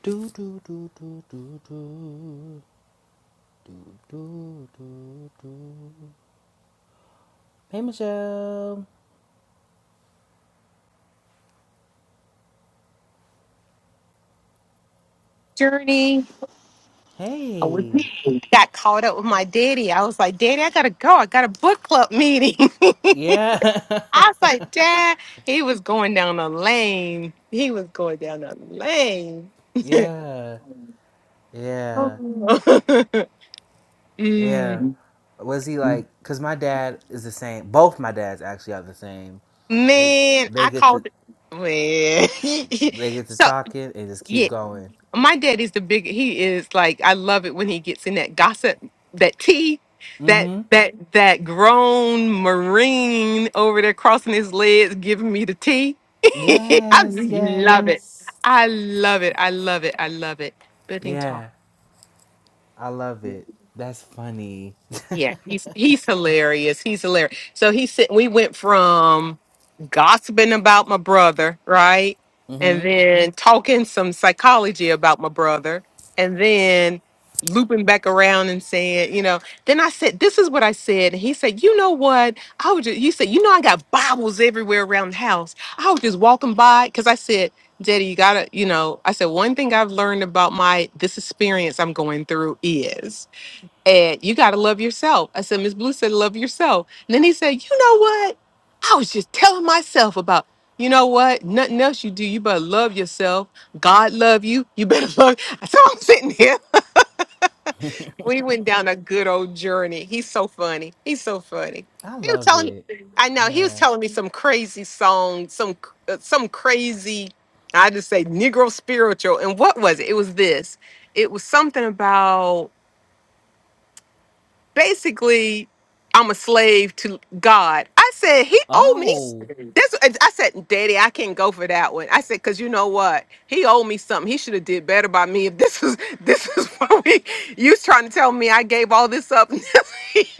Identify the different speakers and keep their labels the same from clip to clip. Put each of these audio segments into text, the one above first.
Speaker 1: Do do do do do do do do do do. Hey Michelle.
Speaker 2: journey. I was-
Speaker 1: Hey.
Speaker 2: got caught up with my daddy. I was like, Daddy, I gotta go. I got a book club meeting.
Speaker 1: Yeah.
Speaker 2: I was like, Dad, he was going down the lane. He was going down the lane.
Speaker 1: yeah. Yeah. Yeah.
Speaker 2: Mm.
Speaker 1: Was he like? Cause my dad is the same. Both my dads actually are the same. They
Speaker 2: Man, I
Speaker 1: they get to
Speaker 2: called it. Man.
Speaker 1: they get to
Speaker 2: so,
Speaker 1: talking and just keep
Speaker 2: yeah,
Speaker 1: going.
Speaker 2: my daddy's the big, he is like, I love it when he gets in that gossip, that tea, that.
Speaker 1: hmm
Speaker 2: That that grown marine over there crossing his legs giving me the tea. it. I
Speaker 1: Yes.
Speaker 2: love it.
Speaker 1: Yes.
Speaker 2: I love it. I love it. I love it. Building talk.
Speaker 1: Yeah. I love it. That's funny.
Speaker 2: Yeah, he's he's hilarious. He's hilarious. So he said we went from gossiping about my brother, right? And
Speaker 1: Mhm.
Speaker 2: then talking some psychology about my brother, and then looping back around and saying, you know, then I said, this is what I said. And he said, you know what? I would just, you said, you know, I got Bibles everywhere around the house. I was just walking by because I said, Daddy, you gotta, you know, I said, one thing I've learned about my this experience I'm going through is and you got to love yourself. I said, Miss Blue said, love yourself. And then he said, You know what? I was just telling myself about, you know what? Nothing else you do. You better love yourself. God love you. You better love. So I'm sitting here. We went down a good old journey. He's so funny. He's so funny.
Speaker 1: I
Speaker 2: He was
Speaker 1: love
Speaker 2: telling me,
Speaker 1: it.
Speaker 2: I know, he was
Speaker 1: Yeah.
Speaker 2: telling me some crazy song, some, c- uh, some crazy, I just say Negro spiritual. And what was it? It was this. It was something about basically I'm a slave to God. I said he owed me. s-
Speaker 1: Oh,
Speaker 2: That's I said, Daddy, I can't go for that one. I said, because you know what? He owed me something. He should have did better by me. If this is this is what we you was trying to tell me I gave all this up. and,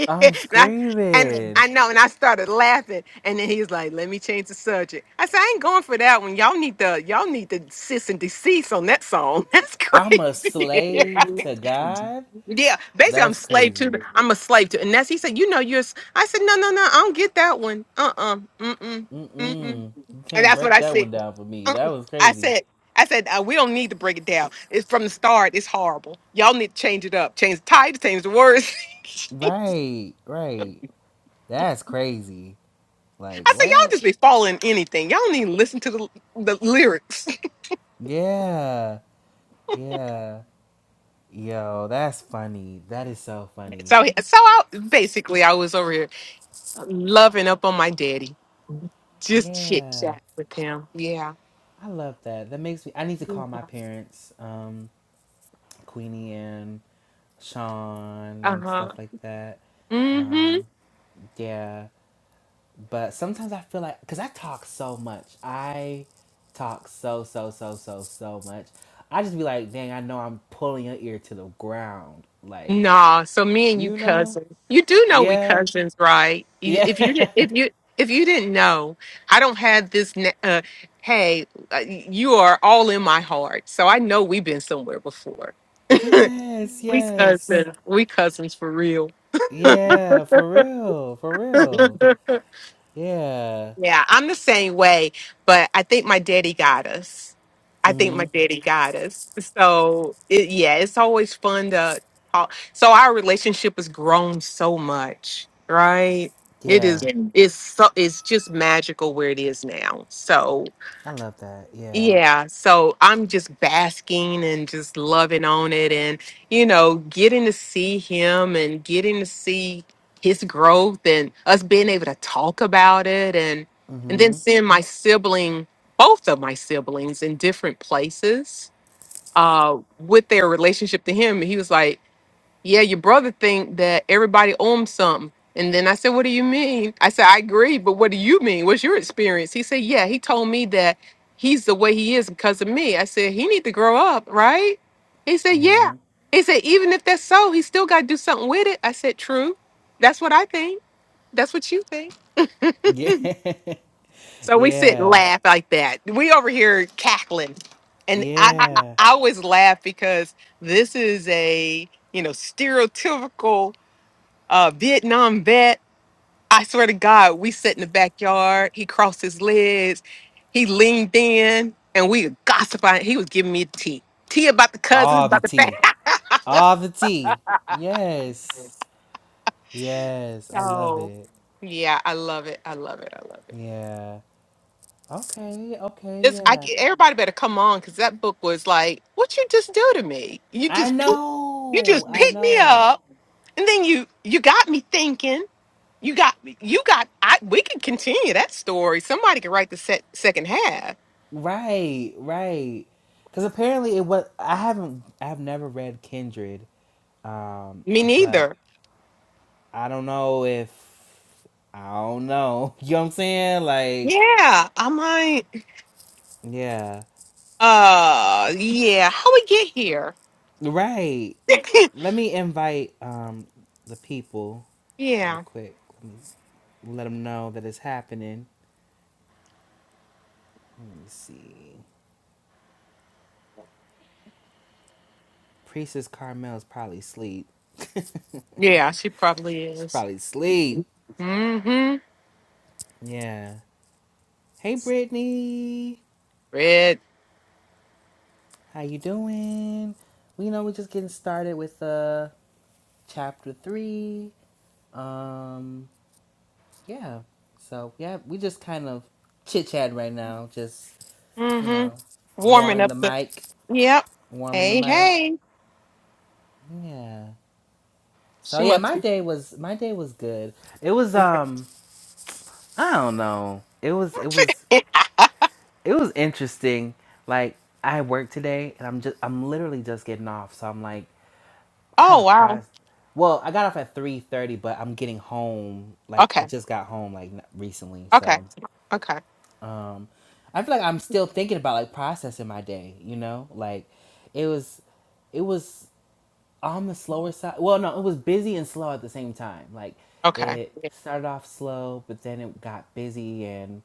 Speaker 1: I'm
Speaker 2: I, and
Speaker 1: screaming.
Speaker 2: I know, and I started laughing. And then he was like, let me change the subject. I said, I ain't going for that one. Y'all need the y'all need to sis and decease on that song. That's crazy.
Speaker 1: I'm a
Speaker 2: Yeah.
Speaker 1: slave to God.
Speaker 2: Yeah, basically, I'm
Speaker 1: That's
Speaker 2: slave to.
Speaker 1: crazy.
Speaker 2: the- I'm a slave to. And that's he said, you know, you're. s-" I said, no, no, no, I don't get that one. Uh, uh mm, mm, mm, mm.
Speaker 1: Mm-mm. You
Speaker 2: And
Speaker 1: can't
Speaker 2: that's what
Speaker 1: break
Speaker 2: I
Speaker 1: that
Speaker 2: said.
Speaker 1: one down for me. That
Speaker 2: Uh-uh.
Speaker 1: was
Speaker 2: I
Speaker 1: crazy.
Speaker 2: said, I said, uh, we don't need to break it down. It's from the start. It's horrible. Y'all need to change it up, change the titles, change the words.
Speaker 1: Right, right. That's crazy. Like
Speaker 2: I said, y'all
Speaker 1: what?
Speaker 2: just be following anything. Y'all don't even listen to the, the lyrics.
Speaker 1: Yeah, yeah. Yo, that's funny. That is so funny.
Speaker 2: So, he- so I, basically, I was over here loving up on my daddy, just chit
Speaker 1: Yeah.
Speaker 2: chat with him. Yeah.
Speaker 1: I love that. That makes me I need to call my parents. Um Queenie and Sean and
Speaker 2: Uh
Speaker 1: stuff like that.
Speaker 2: huh.
Speaker 1: Um, yeah, but sometimes I feel like because I talk so much, I talk so so so so so much. I just be like, dang, I know I'm pulling your ear to the ground, like
Speaker 2: Nah, so me and you
Speaker 1: you know,
Speaker 2: cousins. You do know we
Speaker 1: yeah,
Speaker 2: cousins, right? You-
Speaker 1: yeah,
Speaker 2: If you did, if you if you didn't know, I don't have this. na- Uh, hey, uh, you are all in my heart, so I know we've been somewhere before.
Speaker 1: yes,
Speaker 2: We
Speaker 1: yes,
Speaker 2: cousins. We cousins for real.
Speaker 1: yeah, for real, for real, yeah,
Speaker 2: Yeah, I'm the same way, but I think my daddy got us. I think my
Speaker 1: mm-hmm,
Speaker 2: daddy got us. So it, yeah, it's always fun to talk. So our relationship has grown so much, right? It is.
Speaker 1: yeah.
Speaker 2: Yeah. It's so. It's just magical where it is now. So
Speaker 1: I love that, yeah.
Speaker 2: yeah, so I'm just basking and just loving on it and you know, getting to see him and getting to see his growth and us being able to talk about it and and then
Speaker 1: Mm-hmm.
Speaker 2: seeing my sibling, both of my siblings in different places uh with their relationship to him. He was like yeah, your brother think that everybody owns something. And then I said, what do you mean? I said, I agree, but what do you mean? What's your experience? He said, yeah, he told me that he's the way he is because of me. I said, he need to grow up, right? He said, yeah.
Speaker 1: hmm
Speaker 2: He said, even if that's so, he still got to do something with it. I said, true. That's what I think. That's what you think.
Speaker 1: Yeah.
Speaker 2: So we sit and
Speaker 1: yeah.
Speaker 2: laugh like that. We over here cackling. And I, I, I
Speaker 1: Yeah.
Speaker 2: I always laugh because this is a, you know, stereotypical uh, Vietnam vet. I swear to God, we sat in the backyard. He crossed his legs. He leaned in, and we were gossiping. He was giving me tea, tea about the cousins,
Speaker 1: Ah, the
Speaker 2: about the family.
Speaker 1: tea. Ah, the tea. Yes. Yes. I love
Speaker 2: So
Speaker 1: it.
Speaker 2: yeah, I love it. I love it. I love it.
Speaker 1: Yeah. Okay. Okay.
Speaker 2: This I
Speaker 1: Yeah.
Speaker 2: c- everybody better come on because that book was like, what you just do to me? You
Speaker 1: I
Speaker 2: just pick, you
Speaker 1: know.
Speaker 2: just
Speaker 1: I
Speaker 2: pick me
Speaker 1: know.
Speaker 2: up, and then you you got me thinking. You got me. You got. I we could continue that story. Somebody could write the set, second half.
Speaker 1: Right. Right. Because apparently it was. I haven't. I've never read Kindred. Um.
Speaker 2: Me
Speaker 1: But
Speaker 2: neither.
Speaker 1: I don't know if. I don't know. You know what I'm saying? Like.
Speaker 2: Yeah, I might.
Speaker 1: Yeah.
Speaker 2: Uh, yeah. How we get here?
Speaker 1: Right. Let me invite um the people real
Speaker 2: yeah,
Speaker 1: quick. Let me let them know that it's happening. Let me see. Priestess Carmel's probably asleep. She's
Speaker 2: yeah. She probably is.
Speaker 1: probably asleep.
Speaker 2: Mm-hmm.
Speaker 1: Yeah. Hey Brittany,
Speaker 2: Red.
Speaker 1: how you doing? We know we're just getting started with uh chapter three. Um, yeah. So yeah, we just kind of chit chat right now, just you
Speaker 2: Mm-hmm.
Speaker 1: know,
Speaker 2: Warming
Speaker 1: warming
Speaker 2: up
Speaker 1: the
Speaker 2: the.
Speaker 1: mic.
Speaker 2: Yep.
Speaker 1: warming the
Speaker 2: Hey,
Speaker 1: mic.
Speaker 2: hey.
Speaker 1: Yeah. So
Speaker 2: She
Speaker 1: yeah,
Speaker 2: must
Speaker 1: my
Speaker 2: be.
Speaker 1: day was my day was good. It was um I don't know. It was it was it was interesting. Like I worked today and I'm just I'm literally just getting off, so I'm like kind
Speaker 2: oh
Speaker 1: of
Speaker 2: wow.
Speaker 1: pros. Well, I got off at three thirty, but I'm getting home. Like I
Speaker 2: Okay.
Speaker 1: just got home like n- recently,
Speaker 2: Okay.
Speaker 1: so
Speaker 2: Okay.
Speaker 1: um I feel like I'm still thinking about like processing my day. You know, like it was it was on the slower side. Well, no, it was busy and slow at the same time. Like
Speaker 2: Okay.
Speaker 1: it started off slow, but then it got busy and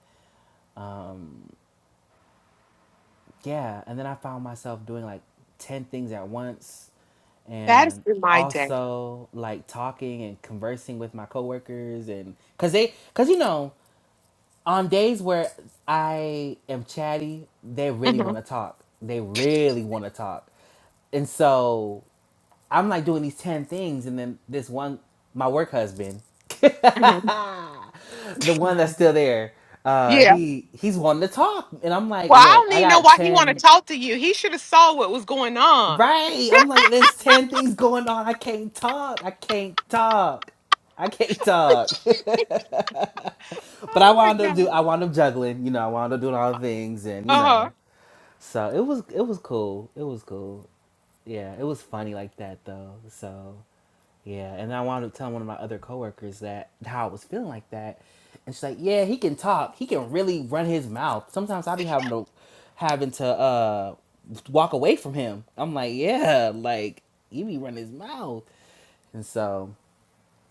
Speaker 1: yeah, and then I found myself doing like 10 things at once
Speaker 2: That has
Speaker 1: and
Speaker 2: been my day.
Speaker 1: also like talking and conversing with my coworkers and cuz they cuz you know, on days where I am chatty, they really
Speaker 2: hmm
Speaker 1: want to talk. They really want to talk. And so I'm like doing these 10 things, and then this one, my work husband,
Speaker 2: hmm
Speaker 1: the one that's still there, uh,
Speaker 2: Yeah.
Speaker 1: he he's wanting to talk. And I'm like,
Speaker 2: Well, I
Speaker 1: look,
Speaker 2: don't
Speaker 1: I
Speaker 2: even know
Speaker 1: got
Speaker 2: why he want to
Speaker 1: 10.
Speaker 2: talk to you. He should have saw what was going on.
Speaker 1: Right. I'm like, there's 10 things going on. I can't talk. I can't talk. I can't talk. but I
Speaker 2: Oh my
Speaker 1: wound up do
Speaker 2: god.
Speaker 1: I wound up juggling, you know, I wound up doing all the things and you
Speaker 2: Uh huh.
Speaker 1: know. So it was it was cool. It was cool. Yeah, it was funny like that though. So Yeah, and I wound up telling one of my other coworkers that how I was feeling like that, and she's like, "Yeah, he can talk. He can really run his mouth. Sometimes I be having to having to uh walk away from him. I'm like, yeah, like he be running his mouth, and so,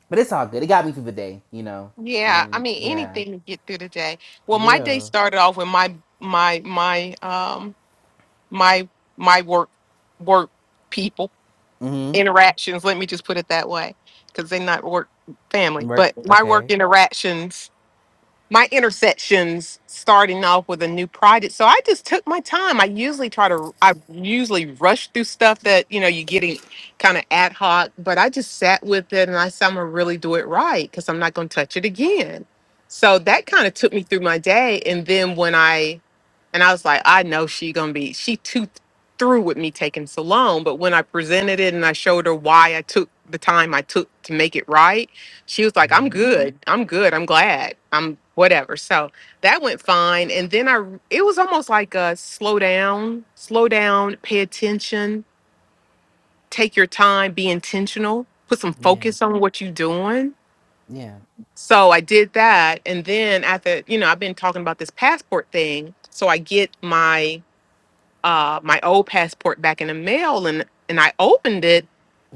Speaker 1: but it's all good. It got me through the day, you know,
Speaker 2: Yeah, I
Speaker 1: and
Speaker 2: mean
Speaker 1: yeah,
Speaker 2: anything to get through the day. Well, my day
Speaker 1: real.
Speaker 2: started off with my my my um my my work work people
Speaker 1: Mm-hmm.
Speaker 2: interactions. Let me just put it that way, because they're not work family,
Speaker 1: Work.
Speaker 2: but my work
Speaker 1: Okay.
Speaker 2: interactions my intersections starting off with a new project. So I just took my time. I usually try to I usually rush through stuff that, you know, you're getting kind of ad hoc, but I just sat with it and I said I'm gonna really do it right because I'm not gonna touch it again. So that kind of took me through my day. And then when I and I was like, I know she gonna be she too th- through with me taking so long. But when I presented it and I showed her why I took the time I took to make it right, she was like, I'm Mhm. good. I'm good. I'm glad. I'm whatever. So that went fine. And then I r- it was almost like a slow down, slow down, pay attention, take your time, be intentional, put some
Speaker 1: Yeah.
Speaker 2: focus on what you're doing.
Speaker 1: Yeah.
Speaker 2: So I did that. And then after, you know, I've been talking about this passport thing. So I get my uh my old passport back in the mail and and I opened it.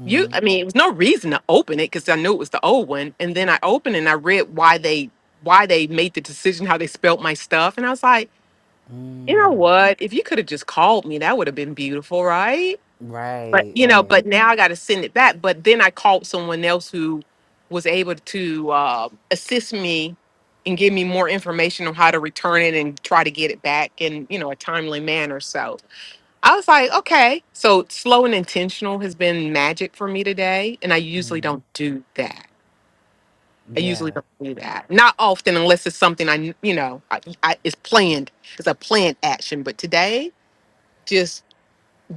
Speaker 2: You I mean, it was no reason to open it cuz I knew it was the old one and then I opened it and I read why they why they made the decision how they spelt my stuff and I was like, "You know what? If you could have just called me, that would have been beautiful, right?" But
Speaker 1: Right.
Speaker 2: you know,
Speaker 1: Right.
Speaker 2: but now I got to send it back. But then I called someone else who was able to uh, assist me and give me more information on how to return it and try to get it back in you know a timely manner. So I was like, okay. So slow and intentional has been magic for me today. And I usually don't do that. I usually
Speaker 1: Yeah.
Speaker 2: don't do that. Not often, unless it's something I, kn- you know, I, I, it's planned. It's a planned action. But today, just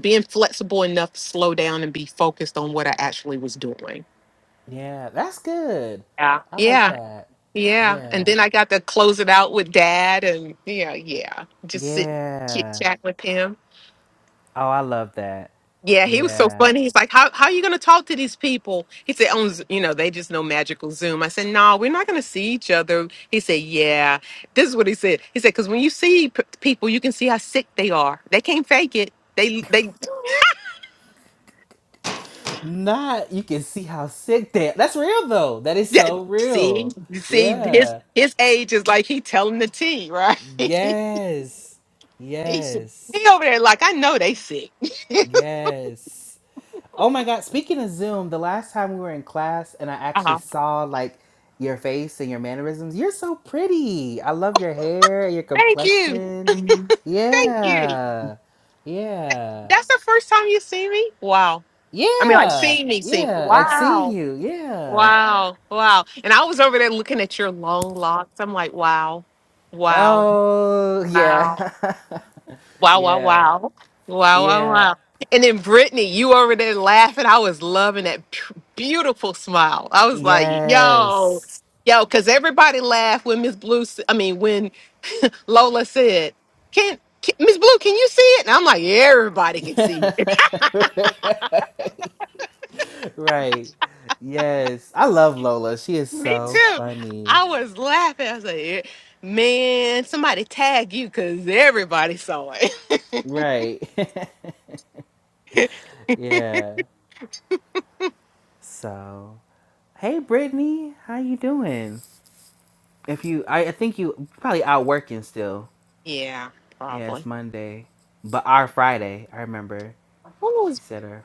Speaker 2: being flexible enough to slow down and be focused on what I actually was doing.
Speaker 1: Yeah. That's good.
Speaker 2: Yeah.
Speaker 1: I like
Speaker 2: Yeah.
Speaker 1: that.
Speaker 2: Yeah. And
Speaker 1: Yeah.
Speaker 2: then I got to close it out with dad and, yeah, yeah. Just sit, chit
Speaker 1: Yeah.
Speaker 2: chat with him.
Speaker 1: Oh, I love that.
Speaker 2: Yeah, he was so
Speaker 1: Yeah.
Speaker 2: funny. He's like, "How how are you going to talk to these people?" He said, "On Z- you know, they just know magical Zoom." I said, "No, we're not going to see each other." He said, "Yeah." This is what he said. He said, "Because when you see p- people, you can see how sick they are. They can't fake it. They they
Speaker 1: Not you can see how sick that. That's real though. That is
Speaker 2: yeah,
Speaker 1: so
Speaker 2: see
Speaker 1: real.
Speaker 2: see his
Speaker 1: Yeah.
Speaker 2: his age is like he telling the tea, right? he
Speaker 1: Yes. Yes.
Speaker 2: he over there like I know they sick.
Speaker 1: Yes. Oh my god, speaking of Zoom, the last time we were in class and I actually saw like your face and your mannerisms, you're so pretty. I love your hair, your
Speaker 2: Thank you,
Speaker 1: complexion.
Speaker 2: thank you.
Speaker 1: Yeah. Yeah.
Speaker 2: That's the first time you see me. Wow. I mean, like
Speaker 1: Yeah,
Speaker 2: see me, see me.
Speaker 1: yeah, like
Speaker 2: Wow.
Speaker 1: seeing you. Yeah.
Speaker 2: Wow. Wow. And I was over there looking at your long locks. I'm like, wow. Wow.
Speaker 1: Oh, yeah.
Speaker 2: Wow.
Speaker 1: Yeah.
Speaker 2: Wow. Wow.
Speaker 1: Yeah.
Speaker 2: Wow. And then Brittany, you over there laughing. I was loving that p- beautiful smile. I was like, yo,
Speaker 1: Yes.
Speaker 2: yo, because everybody laughed when Miss Blue, s- I mean, when Lola said, can, can Miss Blue, can you see it? And I'm like, everybody can see it.
Speaker 1: Right. Yes. I love Lola. She is
Speaker 2: Me
Speaker 1: so
Speaker 2: too.
Speaker 1: funny.
Speaker 2: I was laughing. I was like, "Yeah, man, somebody tag you because everybody saw it.
Speaker 1: Right. Yeah. So, hey Brittany, how you doing? If you I, I think you probably out working still.
Speaker 2: Yeah,
Speaker 1: Yeah, it's
Speaker 2: probably.
Speaker 1: Monday. But our Friday, I remember.
Speaker 2: Who
Speaker 1: She
Speaker 2: was
Speaker 1: said her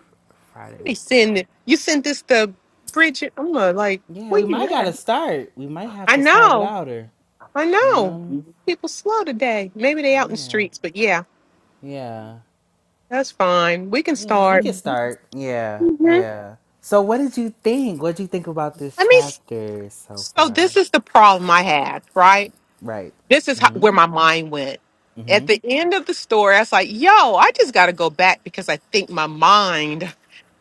Speaker 1: Friday
Speaker 2: they
Speaker 1: was
Speaker 2: send
Speaker 1: today.
Speaker 2: it? You sent this to Bridget. I'm gonna like,
Speaker 1: Yeah, we
Speaker 2: wait. a
Speaker 1: might
Speaker 2: minute.
Speaker 1: gotta start. We might have
Speaker 2: I
Speaker 1: to start
Speaker 2: know,
Speaker 1: without her.
Speaker 2: I
Speaker 1: You
Speaker 2: know.
Speaker 1: know?
Speaker 2: People slow today. Maybe they out in the
Speaker 1: Yeah.
Speaker 2: streets, but yeah,
Speaker 1: Yeah.
Speaker 2: that's fine. We can
Speaker 1: Yeah, we
Speaker 2: start.
Speaker 1: could start. Yeah.
Speaker 2: Mhm.
Speaker 1: Yeah. So what did you think? What did you think about this
Speaker 2: Let me. s-
Speaker 1: chapter so
Speaker 2: So
Speaker 1: far?
Speaker 2: this is the problem I had, right?
Speaker 1: Right.
Speaker 2: This is how,
Speaker 1: Mm-hmm.
Speaker 2: where my mind went. At the
Speaker 1: Mm-hmm.
Speaker 2: end of the story, I was like, yo, I just got to go back because I think my mind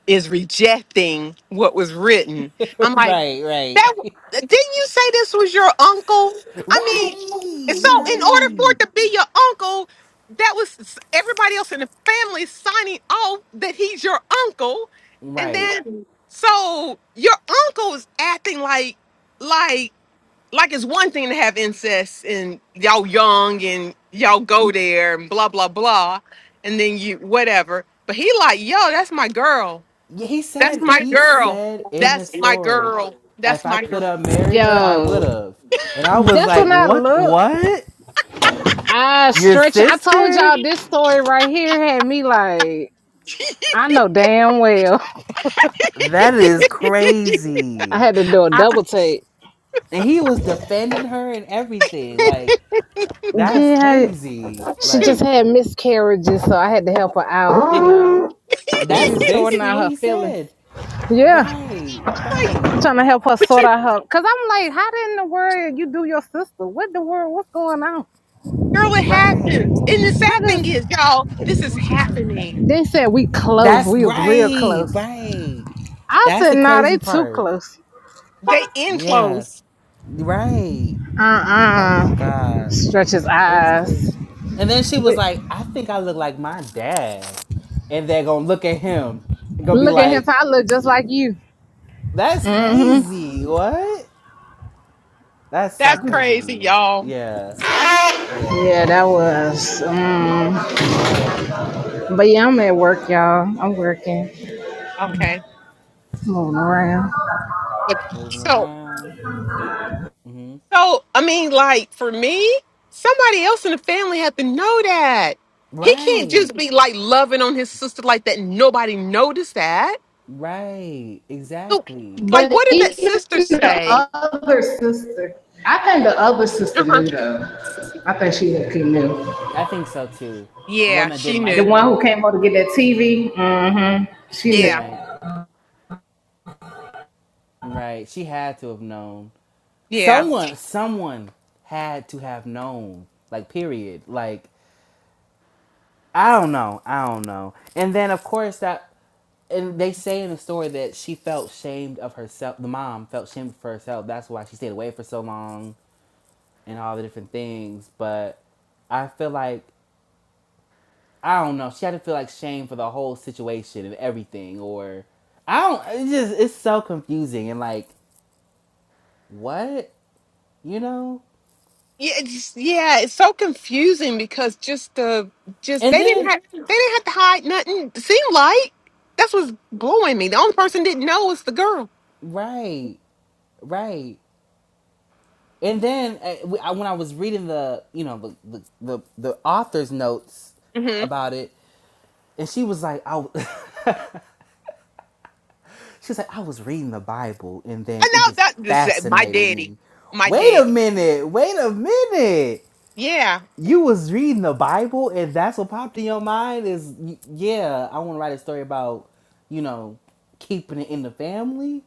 Speaker 2: is rejecting what was written. I'm like.
Speaker 1: right, right.
Speaker 2: That didn't you say this was your uncle? I mean,
Speaker 1: right,
Speaker 2: so in order for
Speaker 1: right.
Speaker 2: it to be your uncle, that was everybody else in the family signing off that he's your uncle, and
Speaker 1: Right.
Speaker 2: then so your uncle is acting like like like it's one thing to have incest and y'all young and y'all go there and blah blah blah, and then you whatever. But he like, yo, that's my girl.
Speaker 1: Yeah, he
Speaker 2: That's
Speaker 1: said
Speaker 2: my
Speaker 1: he
Speaker 2: girl.
Speaker 1: said in the
Speaker 2: That's my
Speaker 1: story,
Speaker 2: girl. That's
Speaker 1: if I
Speaker 2: my
Speaker 1: could
Speaker 2: girl.
Speaker 1: have married her, I would
Speaker 3: Yo,
Speaker 1: have. And I was
Speaker 3: that's
Speaker 1: like,
Speaker 3: when I
Speaker 1: "What?
Speaker 3: look.
Speaker 1: What?
Speaker 3: I
Speaker 1: Your
Speaker 3: stretch. I told
Speaker 1: sister?
Speaker 3: y'all this story right here had me like, I know damn well.
Speaker 1: That is
Speaker 3: I
Speaker 1: crazy."
Speaker 3: had to do a
Speaker 2: I-
Speaker 3: double take.
Speaker 1: And he was defending her and everything. Like, that's
Speaker 3: Yeah,
Speaker 1: crazy.
Speaker 3: she just
Speaker 1: Like,
Speaker 3: had miscarriages, so I had to help her out. You know,
Speaker 1: that's
Speaker 3: she's sorting
Speaker 1: basically
Speaker 3: out
Speaker 1: what
Speaker 3: her
Speaker 1: he
Speaker 3: feelings.
Speaker 1: said.
Speaker 3: Yeah,
Speaker 1: Right,
Speaker 2: I'm like,
Speaker 1: right,
Speaker 3: I'm trying to help her
Speaker 2: but
Speaker 3: sort
Speaker 2: you,
Speaker 3: out her. Cause I'm like, how in the world you do your sister? What the world? What's going on?
Speaker 2: girl, it
Speaker 1: right.
Speaker 2: happens. And the
Speaker 3: How
Speaker 2: sad
Speaker 3: does
Speaker 2: thing is, y'all, this is happening.
Speaker 3: they said we close?
Speaker 1: That's
Speaker 3: We was real
Speaker 1: right,
Speaker 3: close.
Speaker 1: right.
Speaker 3: I
Speaker 1: That's
Speaker 3: said,
Speaker 1: the
Speaker 3: nah, they
Speaker 1: crazy
Speaker 3: too
Speaker 1: part.
Speaker 3: close.
Speaker 2: They in
Speaker 1: Yeah,
Speaker 2: close.
Speaker 1: right.
Speaker 3: Uh
Speaker 1: Oh my
Speaker 3: uh
Speaker 1: god.
Speaker 3: Stretch his
Speaker 1: It was
Speaker 3: eyes.
Speaker 1: crazy. And then she was
Speaker 3: But
Speaker 1: like, I think I look like my dad. And they're gonna look at him and gonna be
Speaker 3: look at him,
Speaker 1: like,
Speaker 3: I look just like you.
Speaker 1: That's
Speaker 3: hmm
Speaker 1: crazy. What? That's so
Speaker 2: That's
Speaker 1: crazy to
Speaker 2: crazy,
Speaker 1: me.
Speaker 2: y'all.
Speaker 1: Yeah. Yeah.
Speaker 3: Yeah, that was. Um,
Speaker 1: Yeah.
Speaker 3: but yeah, I'm at work, y'all. I'm working,
Speaker 2: Okay.
Speaker 3: moving
Speaker 1: Yeah.
Speaker 3: around.
Speaker 2: But
Speaker 1: Moving
Speaker 2: so,
Speaker 1: around. hmm
Speaker 2: so I mean, like for me, somebody else in the family had to know that. He can't just
Speaker 1: Right.
Speaker 2: be like loving on his sister like that. Nobody noticed that.
Speaker 1: Right.
Speaker 2: So,
Speaker 1: Exactly.
Speaker 2: like,
Speaker 3: But
Speaker 2: what did that
Speaker 3: even
Speaker 2: sister
Speaker 3: the
Speaker 2: say?
Speaker 3: other sister, I think the other sister
Speaker 2: Uh huh.
Speaker 3: knew though. I think she looked- knew.
Speaker 1: I think so too. The
Speaker 2: Yeah,
Speaker 1: woman
Speaker 2: she
Speaker 1: didn't
Speaker 3: The
Speaker 1: like
Speaker 2: knew.
Speaker 3: one
Speaker 1: her.
Speaker 3: who came over to get that TV. hmm She
Speaker 2: Yeah.
Speaker 3: knew.
Speaker 1: Right. Right. She had to have known.
Speaker 2: Yeah.
Speaker 1: Someone, someone had to have known. Like, period. Like, I don't know. I don't know. And then, of course, that. And they say in the story that she felt shamed of herself. The mom felt shamed for herself. That's why she stayed away for so long and all the different things. But I feel like I don't know. She had to feel like shame for the whole situation and everything. Or I don't. It's just it's so confusing and like what you know.
Speaker 2: Yeah, it's, yeah, it's so confusing because just the just
Speaker 1: And
Speaker 2: they didn't
Speaker 1: then
Speaker 2: have they didn't have to hide nothing. It seemed like that's what's blowing me. The only person didn't know was the girl.
Speaker 1: right, right. And then uh, when I was reading the, you know, the the, the, author's notes
Speaker 2: Mm-hmm.
Speaker 1: about it, and she was like, I, w- she was like, I was reading the Bible, and
Speaker 2: I
Speaker 1: then it
Speaker 2: know
Speaker 1: just
Speaker 2: that this uh, my
Speaker 1: fascinated
Speaker 2: daddy,
Speaker 1: me.
Speaker 2: my
Speaker 1: Wait a
Speaker 2: daddy.
Speaker 1: minute, wait a minute.
Speaker 2: Yeah,
Speaker 1: You was reading the Bible, and that's what popped in your mind is, y- yeah, I want to write a story about, you know, keeping it in the family.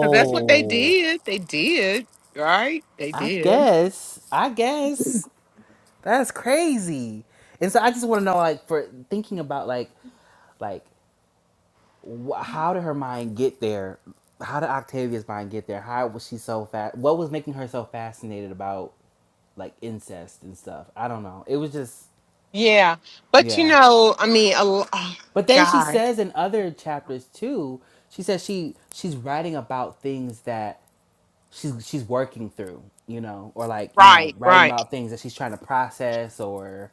Speaker 2: 'cause that's what they did. They did right. They
Speaker 1: I
Speaker 2: did.
Speaker 1: guess. I guess. That's crazy. And so I just want to know, like, for thinking about, like, like, wh- how did her mind get there? How did Octavia's mind get there? How was she so fast? What was making her so fascinated about like incest and stuff? I don't know. It was just,
Speaker 2: Yeah, but you
Speaker 1: yeah.
Speaker 2: know, I mean, a l oh
Speaker 1: But then she
Speaker 2: God,
Speaker 1: says in other chapters too, she says she she's writing about things that she's she's working through, you know, or like you know,
Speaker 2: right,
Speaker 1: writing
Speaker 2: right.
Speaker 1: about things that she's trying to process or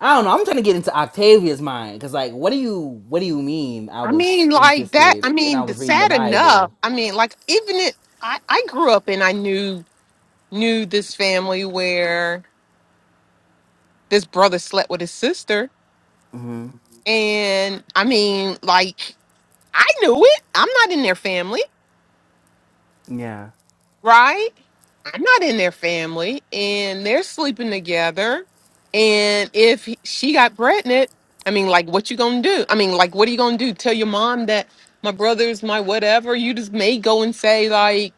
Speaker 1: I don't know. I'm trying to get into Octavia's mind because, like, what do you what do you mean? I
Speaker 2: I
Speaker 1: was
Speaker 2: mean, like that. I
Speaker 1: interested and I
Speaker 2: mean, the
Speaker 1: was reading the
Speaker 2: sad enough.
Speaker 1: Bible.
Speaker 2: I mean, like even it. I I grew up and I knew knew this family where this brother slept with his sister.
Speaker 1: hmm
Speaker 2: And I mean, like, I knew it. I'm not in their family,
Speaker 1: Yeah,
Speaker 2: right? I'm not in their family. And they're sleeping together. And if he- she got pregnant, I mean, like, what you gonna do? I mean, like, what are you gonna do? Tell your mom that my brother's my whatever. You just may go and say, like,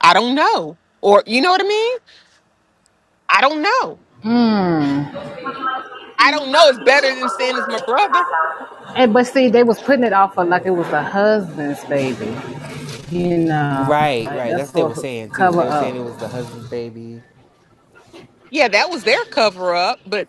Speaker 2: I don't know. Or, you know what I mean? I don't know.
Speaker 3: Mm.
Speaker 2: I don't know. It's better than saying it's my brother.
Speaker 3: And but see, they was putting it off for like it
Speaker 1: that's
Speaker 3: was the husband's baby. You know,
Speaker 1: right.
Speaker 3: like
Speaker 1: Right.
Speaker 3: that's
Speaker 1: That's what they were
Speaker 3: sort of
Speaker 1: saying too.
Speaker 3: cover
Speaker 1: They were
Speaker 3: up.
Speaker 1: saying it was the husband's baby.
Speaker 2: Yeah, that was their cover up. But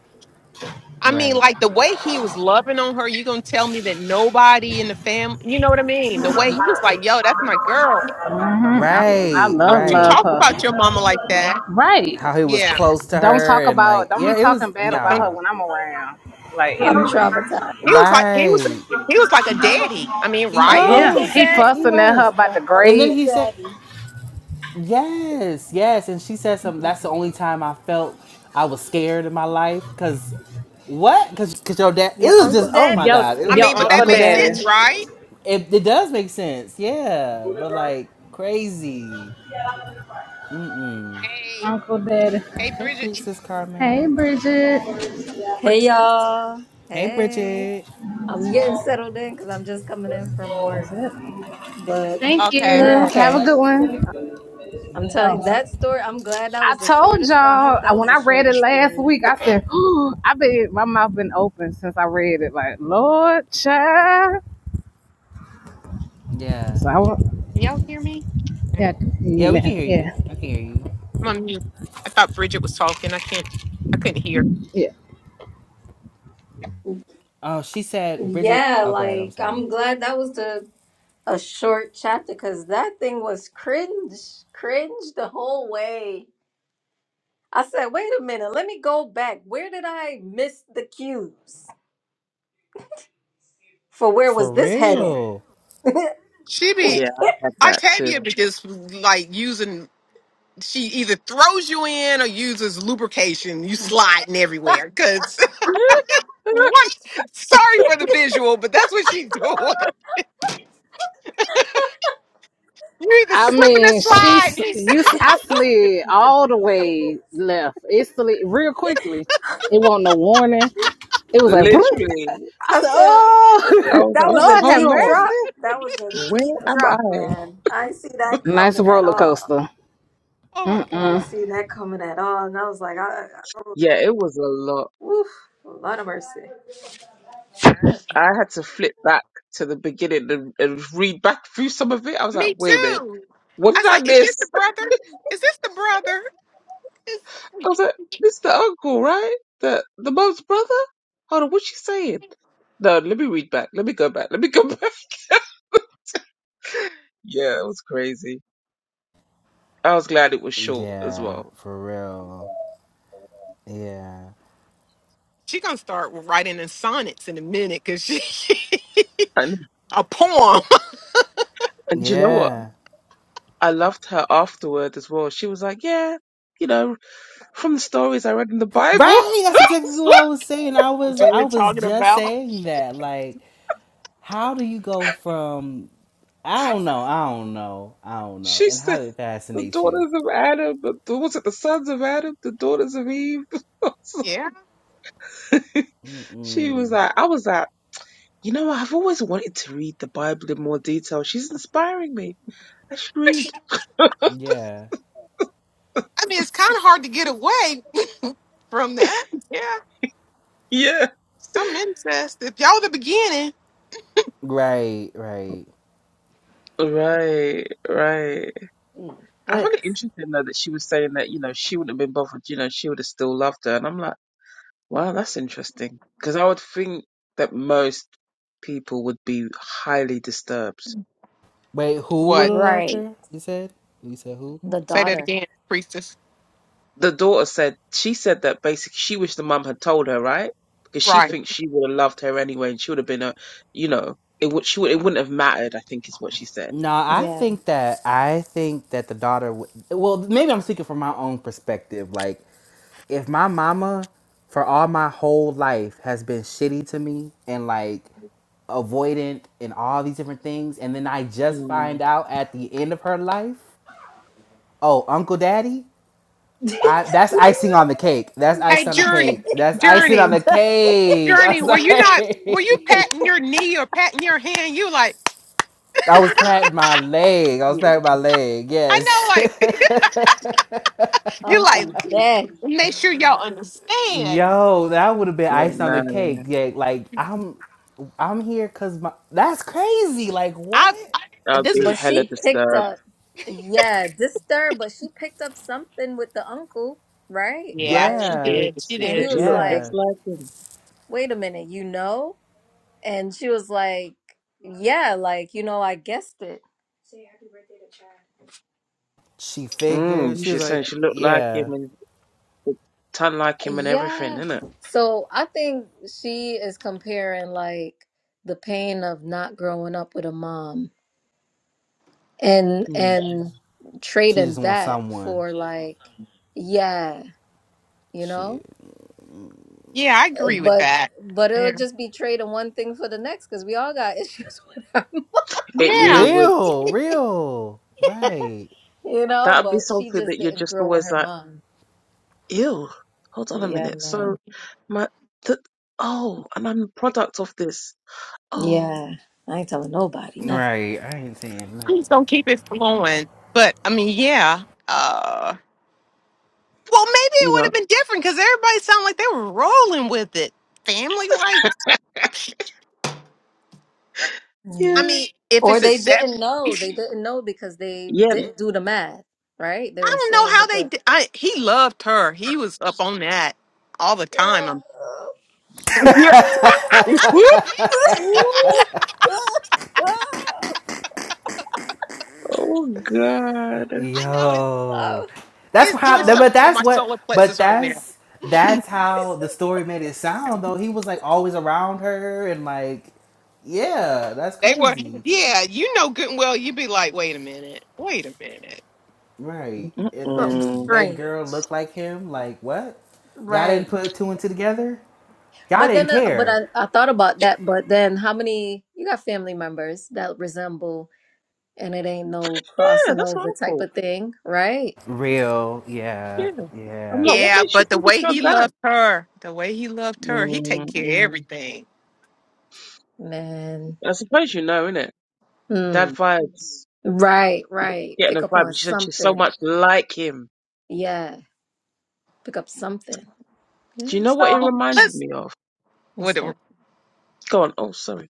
Speaker 2: I mean,
Speaker 1: Right.
Speaker 2: like the way he was loving on her, you gonna tell me that nobody in the family, you know what I mean? The way he was like, "Yo, that's my girl.
Speaker 3: hmm I, I
Speaker 1: Right.
Speaker 3: love
Speaker 2: Don't you
Speaker 1: Right.
Speaker 3: love
Speaker 2: talk about
Speaker 3: her.
Speaker 2: your mama like that?"
Speaker 3: Right.
Speaker 1: How he was
Speaker 2: Yeah,
Speaker 1: close to
Speaker 3: Don't
Speaker 1: her
Speaker 3: talk
Speaker 1: and
Speaker 3: about.
Speaker 1: like,
Speaker 3: Don't be
Speaker 1: yeah, it
Speaker 3: talking
Speaker 1: was
Speaker 3: bad about
Speaker 2: don't.
Speaker 3: her
Speaker 1: nah.
Speaker 3: when I'm around. Like
Speaker 4: I'm
Speaker 3: energy.
Speaker 4: traumatized.
Speaker 2: He was like he was
Speaker 1: Right.
Speaker 2: he was like a daddy. I mean,
Speaker 1: He
Speaker 4: Uh,
Speaker 2: right?
Speaker 3: Yeah,
Speaker 4: Uncle
Speaker 1: was.
Speaker 3: he
Speaker 4: Daddy.
Speaker 1: He
Speaker 3: fussing at her
Speaker 1: was.
Speaker 4: He's
Speaker 3: about the
Speaker 4: a
Speaker 1: And then
Speaker 4: Uncle
Speaker 3: grades.
Speaker 1: he said,
Speaker 4: Daddy.
Speaker 1: Yes, yes. And she said something. That's the only time I felt I was scared in my life. Cause what? Cause, cause your dad. It
Speaker 4: Your
Speaker 1: was just.
Speaker 4: Uncle
Speaker 1: Oh my
Speaker 4: Daddy?
Speaker 3: Yo,
Speaker 1: God. It
Speaker 2: I
Speaker 1: was
Speaker 3: your
Speaker 2: mean, but
Speaker 1: your
Speaker 2: that
Speaker 3: uncle
Speaker 1: uncle,
Speaker 2: makes
Speaker 3: daddy.
Speaker 2: sense,
Speaker 1: daddy.
Speaker 2: right?
Speaker 1: It, it does make sense. Yeah, but like crazy. Mm-mm.
Speaker 2: Hey,
Speaker 3: Uncle daddy.
Speaker 2: hey,
Speaker 1: Hey,
Speaker 2: Bridget.
Speaker 1: priestess
Speaker 3: Hey,
Speaker 1: Carmel.
Speaker 3: Bridget.
Speaker 4: Hey, y'all.
Speaker 1: Hey,
Speaker 4: Hey.
Speaker 1: Bridget.
Speaker 4: I'm getting settled in because I'm just coming in from work.
Speaker 3: That's it.
Speaker 4: But,
Speaker 3: Thank
Speaker 2: Okay,
Speaker 3: you. Have
Speaker 4: man,
Speaker 3: a
Speaker 1: Okay.
Speaker 3: good one.
Speaker 4: I'm telling
Speaker 3: Oh,
Speaker 4: you, that story, I'm glad that
Speaker 3: I
Speaker 4: was the
Speaker 3: told
Speaker 4: shortest. I
Speaker 3: y'all
Speaker 4: hope
Speaker 3: I-
Speaker 4: that was
Speaker 3: when
Speaker 4: the
Speaker 3: I read it
Speaker 4: shortest
Speaker 3: last
Speaker 4: story.
Speaker 3: week. I said, I've been my mouth been open since I read it. Like, Lord, child.
Speaker 1: Yeah.
Speaker 3: So I want,
Speaker 2: Can y'all hear me?
Speaker 3: yeah,
Speaker 1: Yeah, we
Speaker 3: yeah,
Speaker 1: can hear you.
Speaker 3: yeah,
Speaker 1: I can hear you.
Speaker 2: I'm on mute. I thought Bridget was talking. I can't. I couldn't hear.
Speaker 3: yeah.
Speaker 1: Oh, she said Bridget.
Speaker 4: Yeah,
Speaker 1: Oh, go ahead. I'm
Speaker 4: like,
Speaker 1: sorry.
Speaker 4: I'm glad that was the a short chapter because that thing was cringe, cringe the whole way. I said, wait a minute, let me go back. Where did I miss the cues? for where
Speaker 1: For
Speaker 4: was this headed?
Speaker 1: real.
Speaker 2: She be
Speaker 5: Yeah, I had that
Speaker 2: Octavia
Speaker 5: too.
Speaker 2: be just like using. She either throws you in or uses lubrication. You sliding everywhere. Cause what? Sorry for the visual, but that's what she's doing. You either
Speaker 3: I
Speaker 2: slipping or
Speaker 3: mean, she's
Speaker 2: sliding.
Speaker 3: you. I slid all the way left. It slid real quickly. It wasn't no warning. It was like, "Broom."
Speaker 5: Literally.
Speaker 3: I
Speaker 4: I
Speaker 3: said,
Speaker 4: said,
Speaker 5: I
Speaker 3: "Oh,
Speaker 5: was
Speaker 4: that was
Speaker 5: like,
Speaker 4: a
Speaker 3: Lord have
Speaker 5: hold
Speaker 4: deep
Speaker 5: on,
Speaker 3: mercy."
Speaker 4: drop. That was a
Speaker 5: where
Speaker 4: deep
Speaker 5: am
Speaker 4: drop,
Speaker 5: I?
Speaker 4: man. I didn't see that
Speaker 3: Nice
Speaker 4: coming at
Speaker 3: roller
Speaker 4: all.
Speaker 3: coaster.
Speaker 2: Oh my
Speaker 4: I didn't
Speaker 2: god.
Speaker 4: see that coming at all. And I was like, I, I,
Speaker 5: Yeah, it was a lot.
Speaker 4: oof, Lord of mercy.
Speaker 5: I had to flip back to the beginning and, and read back through some of it. I was like,
Speaker 2: Me
Speaker 5: wait a minute,
Speaker 2: too.
Speaker 5: what
Speaker 2: I
Speaker 5: did
Speaker 2: was
Speaker 5: I
Speaker 2: like, is this the
Speaker 5: miss?
Speaker 2: brother? Is this the brother? Is...
Speaker 5: I was like, this is the uncle, right? The the mom's brother? Hold on, what's she saying? No, let me read back. Let me go back. Let me go back. Yeah, it was crazy. I was glad it was short as
Speaker 1: Yeah,
Speaker 5: well.
Speaker 1: for real. Yeah.
Speaker 2: She gonna start writing in sonnets in a minute because she
Speaker 5: And
Speaker 2: a poem.
Speaker 5: and do you know what?
Speaker 1: Yeah.
Speaker 5: I loved her afterward as well. She was like, yeah, you know, from the stories I read in the Bible.
Speaker 1: Right, that's exactly what I was saying. I
Speaker 2: That's
Speaker 1: was
Speaker 2: what
Speaker 1: I
Speaker 2: we're
Speaker 1: was
Speaker 2: talking
Speaker 1: just
Speaker 2: about.
Speaker 1: saying that. Like, how do you go from I don't know, I don't know, I don't know.
Speaker 5: she
Speaker 1: And how
Speaker 5: said,
Speaker 1: did it
Speaker 5: the
Speaker 1: fascinate you?
Speaker 5: daughters of Adam, the, was it the sons of Adam, the daughters of Eve?
Speaker 2: Yeah.
Speaker 5: she was
Speaker 1: Mm-mm.
Speaker 5: like, I was like, you know, I've always wanted to read the Bible in more detail. She's inspiring me. I should read.
Speaker 1: Yeah.
Speaker 2: I mean, it's kind of hard to get away From that, yeah,
Speaker 5: Yeah.
Speaker 2: some incest. If y'all the beginning,
Speaker 1: Right, right.
Speaker 5: Right, right.
Speaker 4: Mm.
Speaker 5: I
Speaker 4: But
Speaker 5: found it interesting though that she was saying that, you know, she wouldn't have been bothered, you know, she would have still loved her. And I'm like, Wow, that's interesting. Because I would think that most people would be highly disturbed.
Speaker 1: Wait, who would
Speaker 2: what?
Speaker 1: have loved
Speaker 4: right,
Speaker 1: her? You said? You said who?
Speaker 4: the
Speaker 2: Say that
Speaker 4: daughter.
Speaker 2: again, priestess.
Speaker 5: The daughter said, she said that basically she wished the mum had told her, right? Because she
Speaker 2: Right.
Speaker 5: thinks she would have loved her anyway and she would have been a, you know, it would, she would, it wouldn't have mattered, I think is what she said.
Speaker 1: No, I
Speaker 4: Yeah.
Speaker 1: think that I think that the daughter. Would, well, maybe I'm speaking from my own perspective. Like if my mama for all my whole life has been shitty to me and like avoidant and all these different things and then I just
Speaker 5: Mm,
Speaker 1: find out at the end of her life, oh, Uncle Daddy, I that's icing on the cake. That's
Speaker 2: Hey,
Speaker 1: icing on the
Speaker 2: Journey,
Speaker 1: cake. That's icing on
Speaker 2: Journey,
Speaker 1: the cake. I'm
Speaker 2: Journey. Were you not? Were you
Speaker 1: sorry.
Speaker 2: patting your knee or patting your hand? You like?
Speaker 1: I was patting my leg. I was patting my leg.
Speaker 2: I know,
Speaker 1: Yes.
Speaker 2: like you
Speaker 4: Uncle
Speaker 2: like.
Speaker 4: Daddy.
Speaker 2: Make sure y'all understand.
Speaker 1: Yo, that would have been
Speaker 5: yeah,
Speaker 1: icing on the
Speaker 5: no,
Speaker 1: cake. Yeah, like I'm, I'm here cause my that's crazy. Like
Speaker 2: I.
Speaker 1: what?
Speaker 5: that'd
Speaker 2: This
Speaker 5: be
Speaker 2: is.
Speaker 4: But
Speaker 5: hella
Speaker 4: she picked
Speaker 5: disturbed.
Speaker 4: up, yeah, disturbed, but she picked up something with the uncle, right?
Speaker 2: Yeah,
Speaker 4: Like,
Speaker 5: She
Speaker 2: she
Speaker 1: Yeah,
Speaker 5: did.
Speaker 2: did. She
Speaker 5: She
Speaker 4: and
Speaker 5: said
Speaker 4: he
Speaker 2: did.
Speaker 5: she
Speaker 4: was
Speaker 5: looked
Speaker 4: like,
Speaker 5: just
Speaker 1: yeah.
Speaker 5: like him.
Speaker 4: wait a minute, you know? And she was like, Yeah, like, you know, I guessed it.
Speaker 1: She
Speaker 5: Mm,
Speaker 1: figured she was
Speaker 5: she said
Speaker 1: like,
Speaker 5: she looked like
Speaker 1: yeah.
Speaker 5: him and looked ton like him and everything,
Speaker 4: Yeah.
Speaker 5: innit?
Speaker 4: So I think she is comparing like the pain of not growing up with a mom and
Speaker 5: Yeah.
Speaker 4: and
Speaker 1: She just
Speaker 4: trading
Speaker 1: wants
Speaker 4: that
Speaker 1: someone.
Speaker 4: for like yeah, you
Speaker 1: Shit,
Speaker 4: know?
Speaker 2: Yeah, I agree with
Speaker 5: Mm.
Speaker 4: But
Speaker 2: that.
Speaker 4: but it'll
Speaker 2: Yeah.
Speaker 4: just be trading one thing for the next because we all got issues with her,
Speaker 5: It
Speaker 2: Yeah.
Speaker 5: really would.
Speaker 1: real, real. Right,
Speaker 4: you know?
Speaker 5: That'd be
Speaker 4: But she
Speaker 5: something
Speaker 4: just
Speaker 5: that you're
Speaker 4: didn't
Speaker 5: just
Speaker 4: grow with
Speaker 5: always
Speaker 4: her
Speaker 5: like,
Speaker 4: mom.
Speaker 5: ew, hold on a
Speaker 4: Yeah,
Speaker 5: minute.
Speaker 4: man.
Speaker 5: So, my, th- oh, and I'm the product of this. Oh,
Speaker 4: Yeah. I ain't telling nobody nothing,
Speaker 1: right. I ain't saying
Speaker 2: Please don't keep it flowing. But I mean, yeah. uh, Well, maybe it
Speaker 5: you
Speaker 2: would
Speaker 5: know?
Speaker 2: have been different because everybody sounded like they were rolling with it. Family, like,
Speaker 4: you know?
Speaker 2: I
Speaker 5: Yeah.
Speaker 2: mean, if
Speaker 4: Or
Speaker 2: it's
Speaker 4: they
Speaker 2: accept,
Speaker 4: didn't
Speaker 2: I
Speaker 4: know. They didn't know because they
Speaker 5: Yeah.
Speaker 4: didn't do the math, right? They were
Speaker 2: don't know
Speaker 4: saying
Speaker 2: how
Speaker 4: with
Speaker 2: they.
Speaker 4: the
Speaker 2: Did. I he loved her. He was up on that all the time. I'm. Yeah,
Speaker 1: nothing.
Speaker 5: oh, God.
Speaker 2: I know it's,
Speaker 1: Yo,
Speaker 4: oh,
Speaker 1: that's
Speaker 2: it's doing
Speaker 1: how.
Speaker 4: oh.
Speaker 1: But
Speaker 2: something to
Speaker 1: that's
Speaker 2: my
Speaker 1: what.
Speaker 2: solar
Speaker 1: But
Speaker 2: plexus right now.
Speaker 1: that's that's how the story made it sound. Though he was like always around her and like, yeah, that's
Speaker 2: They were,
Speaker 1: crazy,
Speaker 2: yeah, you know good and well. You'd be like, wait a minute, wait a minute.
Speaker 1: right? And then
Speaker 4: something
Speaker 1: the
Speaker 5: Mm-mm.
Speaker 1: baby
Speaker 4: strange,
Speaker 1: girl looked like him. Like what? Y'all
Speaker 4: right?
Speaker 1: didn't put two and two together. Y'all
Speaker 4: But
Speaker 1: didn't
Speaker 4: then, uh, but
Speaker 1: care.
Speaker 4: I, I thought about that. But then, how many you got family members that resemble, and it ain't no
Speaker 5: Yeah,
Speaker 4: crossing
Speaker 5: that's what
Speaker 4: over
Speaker 5: I
Speaker 4: type
Speaker 5: thought.
Speaker 4: of thing, right?
Speaker 1: Real, yeah,
Speaker 5: I'm
Speaker 1: yeah.
Speaker 5: like, what
Speaker 2: Yeah,
Speaker 5: makes you
Speaker 2: but the
Speaker 5: think it's
Speaker 2: way
Speaker 5: your
Speaker 2: he
Speaker 5: dad?
Speaker 2: loved her, the way he loved her, he take
Speaker 5: mm
Speaker 2: care of
Speaker 5: mm.
Speaker 2: everything.
Speaker 4: Man,
Speaker 5: I suppose you know, innit? Dad
Speaker 4: hmm.
Speaker 5: vibes.
Speaker 4: Right,
Speaker 5: You're
Speaker 4: right.
Speaker 5: getting
Speaker 4: Pick
Speaker 5: a
Speaker 4: up
Speaker 5: vibe.
Speaker 4: on
Speaker 5: She said she's so
Speaker 4: something.
Speaker 5: much like him.
Speaker 4: Yeah. Pick up something.
Speaker 5: Do you
Speaker 4: Yeah.
Speaker 5: know what it
Speaker 2: So
Speaker 5: reminded
Speaker 2: let's.
Speaker 5: me of?
Speaker 4: What's
Speaker 2: What?
Speaker 4: that?
Speaker 5: Go on. Oh, sorry.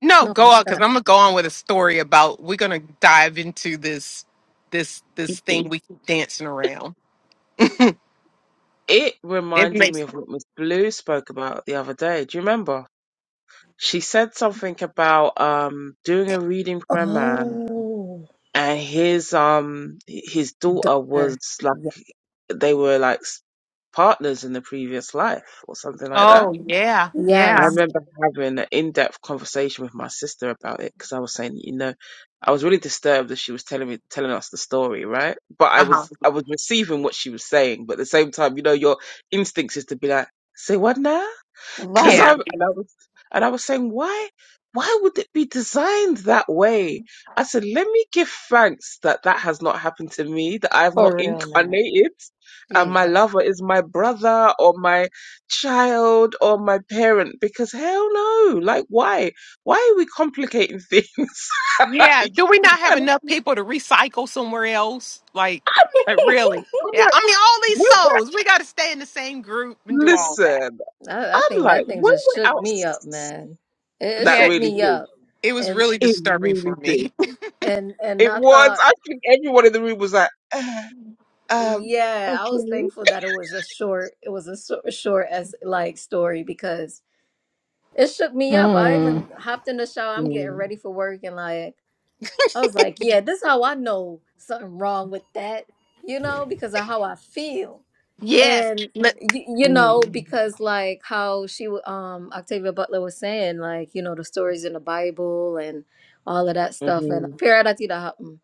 Speaker 2: No,
Speaker 4: No,
Speaker 2: go
Speaker 4: what's
Speaker 2: on because
Speaker 4: that?
Speaker 2: I'm gonna go on with a story about we're gonna dive into this this this thing we keep dancing around.
Speaker 5: It
Speaker 2: It
Speaker 5: reminded me
Speaker 2: makes
Speaker 5: of what Miss Blue spoke about the other day. Do you remember? She said something about um doing a reading for a man,
Speaker 4: Oh,
Speaker 5: and his um h- his daughter was
Speaker 4: daughter.
Speaker 5: like
Speaker 4: Yeah.
Speaker 5: they were like s- partners in the previous life or something like that
Speaker 2: oh yeah,
Speaker 5: I
Speaker 2: yeah.
Speaker 4: Yes.
Speaker 5: remember having an in-depth conversation with my sister about it because I was saying, you know, I was really disturbed that she was telling me telling us the story, right? But I
Speaker 2: Uh-huh.
Speaker 5: was I was receiving what she was saying, but at the same time, you know, your instincts is to be like, say what now? Cause
Speaker 2: Yeah.
Speaker 4: Right.
Speaker 5: I and I was and I was saying, why why would it be designed that way? I said, let me give thanks that that has not happened to me, that I have not
Speaker 4: For real, man.
Speaker 5: incarnated, and
Speaker 4: Jeez.
Speaker 5: my lover is my brother or my child or my parent. Because hell no, like why? Why are we complicating things? like,
Speaker 2: Yeah. Do we not have
Speaker 5: and
Speaker 2: enough people to recycle somewhere else? Like,
Speaker 5: I
Speaker 2: like
Speaker 5: mean,
Speaker 2: really?
Speaker 5: I'm
Speaker 2: Yeah.
Speaker 5: like,
Speaker 2: I mean all these
Speaker 5: when,
Speaker 2: souls. We gotta stay in the same group and
Speaker 5: we-
Speaker 2: do all that.
Speaker 5: listen,
Speaker 4: I, I
Speaker 5: I'm
Speaker 4: think
Speaker 5: like,
Speaker 4: that thing
Speaker 5: when
Speaker 4: just
Speaker 5: we're
Speaker 4: shook
Speaker 5: out,
Speaker 4: me up, man. It, it
Speaker 5: that
Speaker 2: Yeah.
Speaker 4: shook
Speaker 5: really
Speaker 4: me
Speaker 5: did.
Speaker 4: up.
Speaker 2: It was
Speaker 4: And
Speaker 2: really
Speaker 5: It
Speaker 2: disturbing for
Speaker 5: really did
Speaker 2: me.
Speaker 4: and and
Speaker 5: It
Speaker 4: I
Speaker 5: was.
Speaker 4: thought,
Speaker 5: I think everyone in the room was like, uh, um,
Speaker 4: yeah, I was
Speaker 5: okay.
Speaker 4: thankful that it was a short, it was a short, short as like story because it shook me up. I
Speaker 3: Mm,
Speaker 4: even hopped in the shower. I'm getting
Speaker 5: Mm,
Speaker 4: ready for work and like I was like, yeah, this how I know something wrong with that, you know, because of how I feel.
Speaker 2: yes.
Speaker 4: And
Speaker 2: Let-
Speaker 4: you, you know,
Speaker 5: mm,
Speaker 4: because like how she w- um Octavia Butler was saying, like, you know, the stories in the Bible and all of that stuff and
Speaker 5: hmm
Speaker 4: Piratida Happen.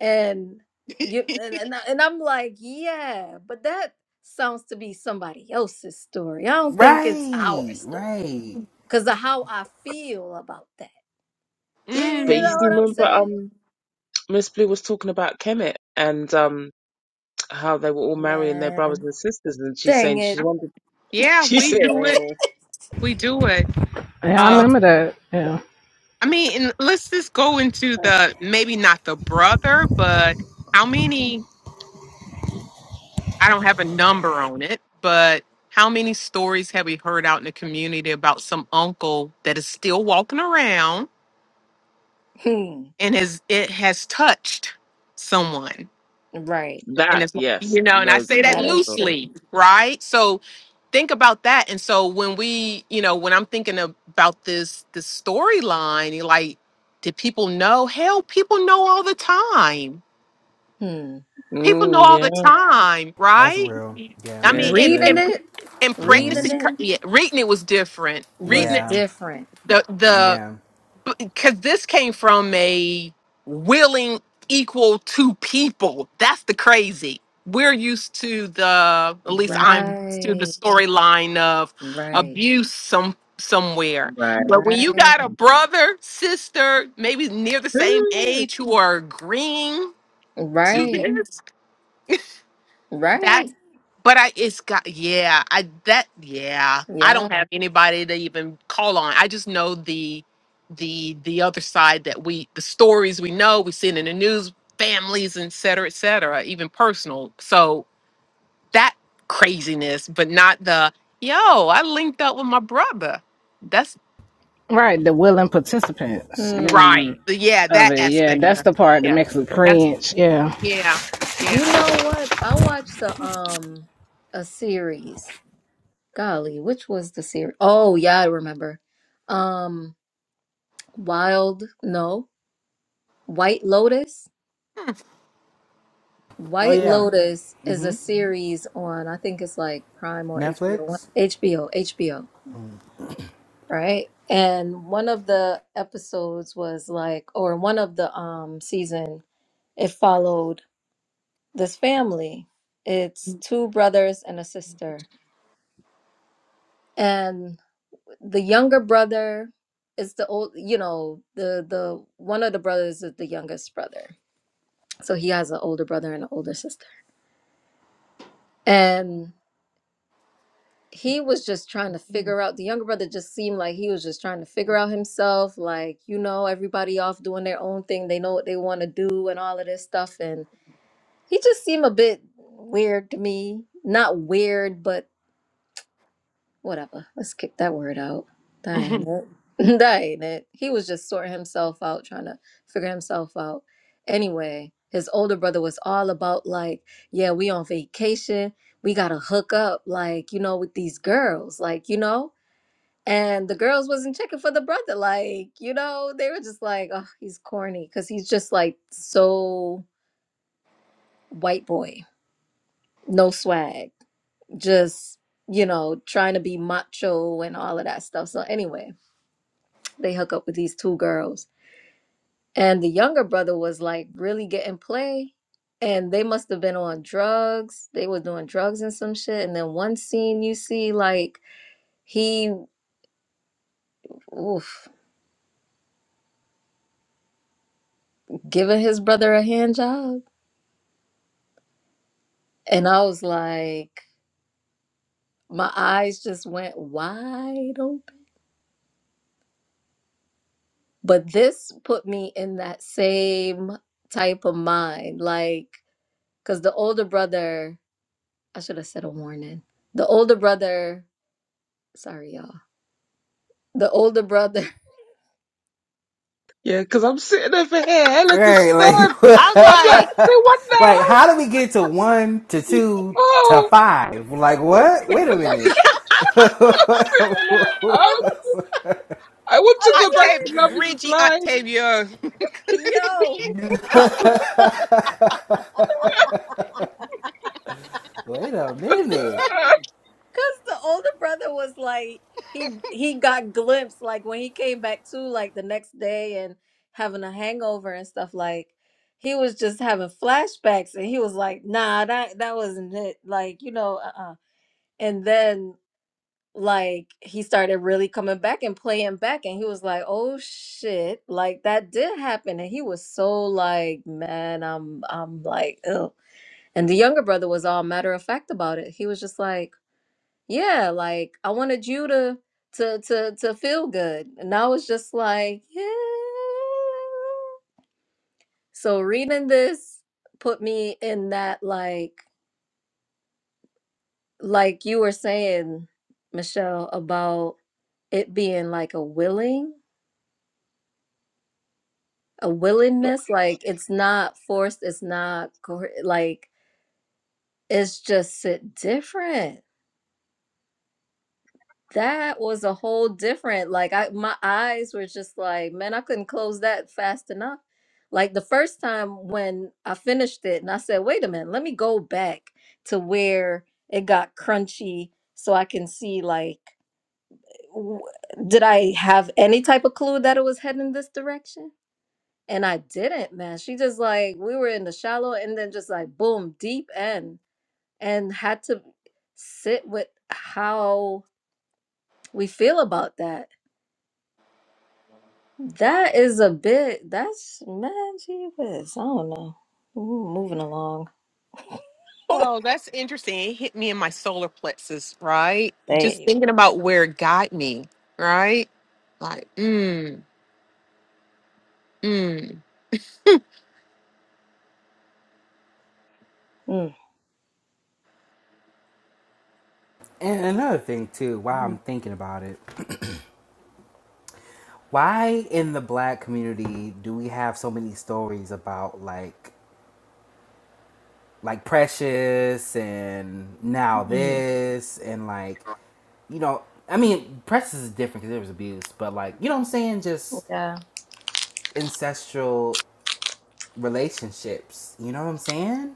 Speaker 4: and you and, and I- and I'm like, yeah, but that sounds to be somebody else's story. I don't think it's our
Speaker 1: Right,
Speaker 4: story
Speaker 1: right.
Speaker 4: because of how I feel about that. You, you
Speaker 5: But you
Speaker 4: know
Speaker 5: see,
Speaker 4: what
Speaker 2: mm,
Speaker 4: I'm
Speaker 5: remember,
Speaker 4: saying?
Speaker 5: um, Miss Blue was talking about Kemet and um how they were all marrying their brothers
Speaker 4: Nah.
Speaker 5: and sisters, and she's
Speaker 4: Dang
Speaker 5: saying she's
Speaker 4: it.
Speaker 5: wondered.
Speaker 2: yeah,
Speaker 5: She
Speaker 2: we
Speaker 5: said
Speaker 2: do it.
Speaker 5: eh,
Speaker 2: We do it.
Speaker 3: yeah, I remember that. Yeah,
Speaker 2: I mean, and let's just go into the maybe not the brother, but how many? I don't have a number on it, but how many stories have we heard out in the community about some uncle that is still walking around
Speaker 4: Hmm.
Speaker 2: and has it has touched someone?
Speaker 4: Right.
Speaker 5: that
Speaker 2: And it's
Speaker 5: yes,
Speaker 2: you know, and I
Speaker 5: loads of
Speaker 2: say that
Speaker 4: That
Speaker 5: those
Speaker 4: is true.
Speaker 5: stories.
Speaker 2: loosely, right? So think about that. And so when we, you know, when I'm thinking about this this storyline, like, did people know? Hell, people know all the time
Speaker 4: Hmm.
Speaker 2: People know
Speaker 5: Mm,
Speaker 2: all
Speaker 5: yeah,
Speaker 2: the time,
Speaker 1: That's
Speaker 2: right?
Speaker 1: real. Yeah.
Speaker 2: I mean,
Speaker 5: yeah,
Speaker 2: in
Speaker 4: Reading
Speaker 2: in,
Speaker 5: yeah,
Speaker 4: it,
Speaker 2: in
Speaker 1: Mhm.
Speaker 4: reading
Speaker 2: pregnancy, cur-
Speaker 4: it
Speaker 2: yeah, reading it was different. Reading
Speaker 4: was
Speaker 1: Yeah.
Speaker 2: it,
Speaker 4: different.
Speaker 2: the the
Speaker 1: Yeah.
Speaker 2: because this came from a willing equal to people. That's the crazy. We're used to the at least I'm used to the
Speaker 4: Right.
Speaker 2: storyline of
Speaker 4: Right.
Speaker 2: abuse some somewhere.
Speaker 5: right.
Speaker 2: But when you
Speaker 4: Right.
Speaker 2: got a brother, sister, maybe near the same
Speaker 5: Mm,
Speaker 2: age who are agreeing to
Speaker 4: Right.
Speaker 2: this,
Speaker 4: Right.
Speaker 2: But I, it's got, yeah, I, that, yeah, I
Speaker 4: Yeah.
Speaker 2: don't have anybody to even call on. I just know the, the, the other side that we, the stories we know, we see it in the news, families, et cetera, et cetera, even personal. So that craziness, but not the, yo, I linked up with my brother. That's
Speaker 3: right. The willing participants, you
Speaker 4: Hmm.
Speaker 2: right.
Speaker 3: know,
Speaker 2: Yeah,
Speaker 3: of
Speaker 2: that
Speaker 3: it. Yeah,
Speaker 2: aspect. of
Speaker 3: that's
Speaker 2: it.
Speaker 3: the part that
Speaker 2: Yeah.
Speaker 3: makes it
Speaker 2: That's,
Speaker 3: cringe. Yeah.
Speaker 2: yeah,
Speaker 4: You
Speaker 2: yeah.
Speaker 4: know what? I watched the um a series. Golly, which was the series? Oh, yeah, I remember. Um Wild, no, White Lotus.
Speaker 2: Hmm.
Speaker 1: Oh
Speaker 4: White
Speaker 1: yeah.
Speaker 4: Lotus is a
Speaker 1: Mhm.
Speaker 4: series on, I think it's like Prime or HBO, one-
Speaker 1: Netflix.
Speaker 4: HBO, HBO, right? And one of the episodes was like, or one of the um season, it followed this family. It's two brothers and a sister. And the younger brother is the old, you know, the the one of the brothers is the youngest brother. So he has an older brother and an older sister. And he was just trying to figure out the younger brother just seemed like he was just trying to figure out himself like you know everybody off doing their own thing they know what they want to do and all of this stuff and he just seemed a bit weird to me not weird but whatever let's kick that word out that ain't it that ain't it he was just sorting himself out trying to figure himself out anyway his older brother was all about like yeah we on vacation we gotta hook up like you know with these girls like you know and the girls wasn't checking for the brother. Like, you know, they were just like, oh, he's corny because he's just like so white boy, no swag, just, you know, trying to be macho and all of that stuff. So, anyway, they hook up with these two girls. And the younger brother was like really getting play. And they must have been on drugs. They were doing drugs and some shit. And then one scene you see, like, he oof, giving his brother a hand job. And I was like, My eyes just went wide open. But this put me in that same type of mind. Like, because the older brother, I should have said a warning. The older brother, sorry, y'all. The older brother,
Speaker 5: Yeah, because I'm sitting over here, hella
Speaker 1: Right,
Speaker 5: disturbed.
Speaker 1: like,
Speaker 5: I'm like,
Speaker 2: I
Speaker 5: say what
Speaker 1: like,
Speaker 5: now?
Speaker 1: how do we get to one to two to
Speaker 5: Oh,
Speaker 1: five? Like, what? Wait a
Speaker 2: was like,
Speaker 1: minute.
Speaker 5: I'm sitting there like, "Oh I want to
Speaker 4: I'm
Speaker 5: go back
Speaker 2: Octavia,
Speaker 5: to Love is
Speaker 2: Bridgie
Speaker 5: Blind.
Speaker 2: Octavia.
Speaker 4: sorry. Yo.
Speaker 1: Wait a minute.
Speaker 4: Cause the older brother was like he he got glimpsed like when he came back too like the next day and having a hangover and stuff like he was just having flashbacks and he was like nah that that wasn't it like you know uh-uh and then like he started really coming back and playing back and he was like oh shit like that did happen and he was so like man I'm I'm like oh and the younger brother was all matter of fact about it he was just like yeah, like I wanted you to to to to feel good. And I was just like, yeah. So reading this put me in that like like you were saying, Michelle, about it being like a willing, a willingness, like it's not forced, it's not coer- like it's just sit different. That was a whole different, like I my eyes were just like, man, I couldn't close that fast enough. Like the first time when I finished it and I said, wait a minute, let me go back to where it got crunchy so I can see like w- did I have any type of clue that it was heading this direction? And I didn't, man. She just like we were in the shallow and then just like boom, deep end and had to sit with how we feel about that That is a bit. That's man, gee whiz. I don't know. Ooh, moving along.
Speaker 2: Well, that's interesting. It hit me in my solar plexus, right? Just
Speaker 4: Hey.
Speaker 2: thinking about where it got me, right? Like, mm, mm.
Speaker 4: Mm,
Speaker 1: And another thing too, while I'm thinking about it, why in the black community do we have so many stories about like, like Precious and now
Speaker 4: mm.
Speaker 1: this and like, you know, I mean, Precious is different because there was abuse, but like, you know what I'm saying? Just
Speaker 4: Yeah.
Speaker 1: ancestral relationships. You know what I'm saying?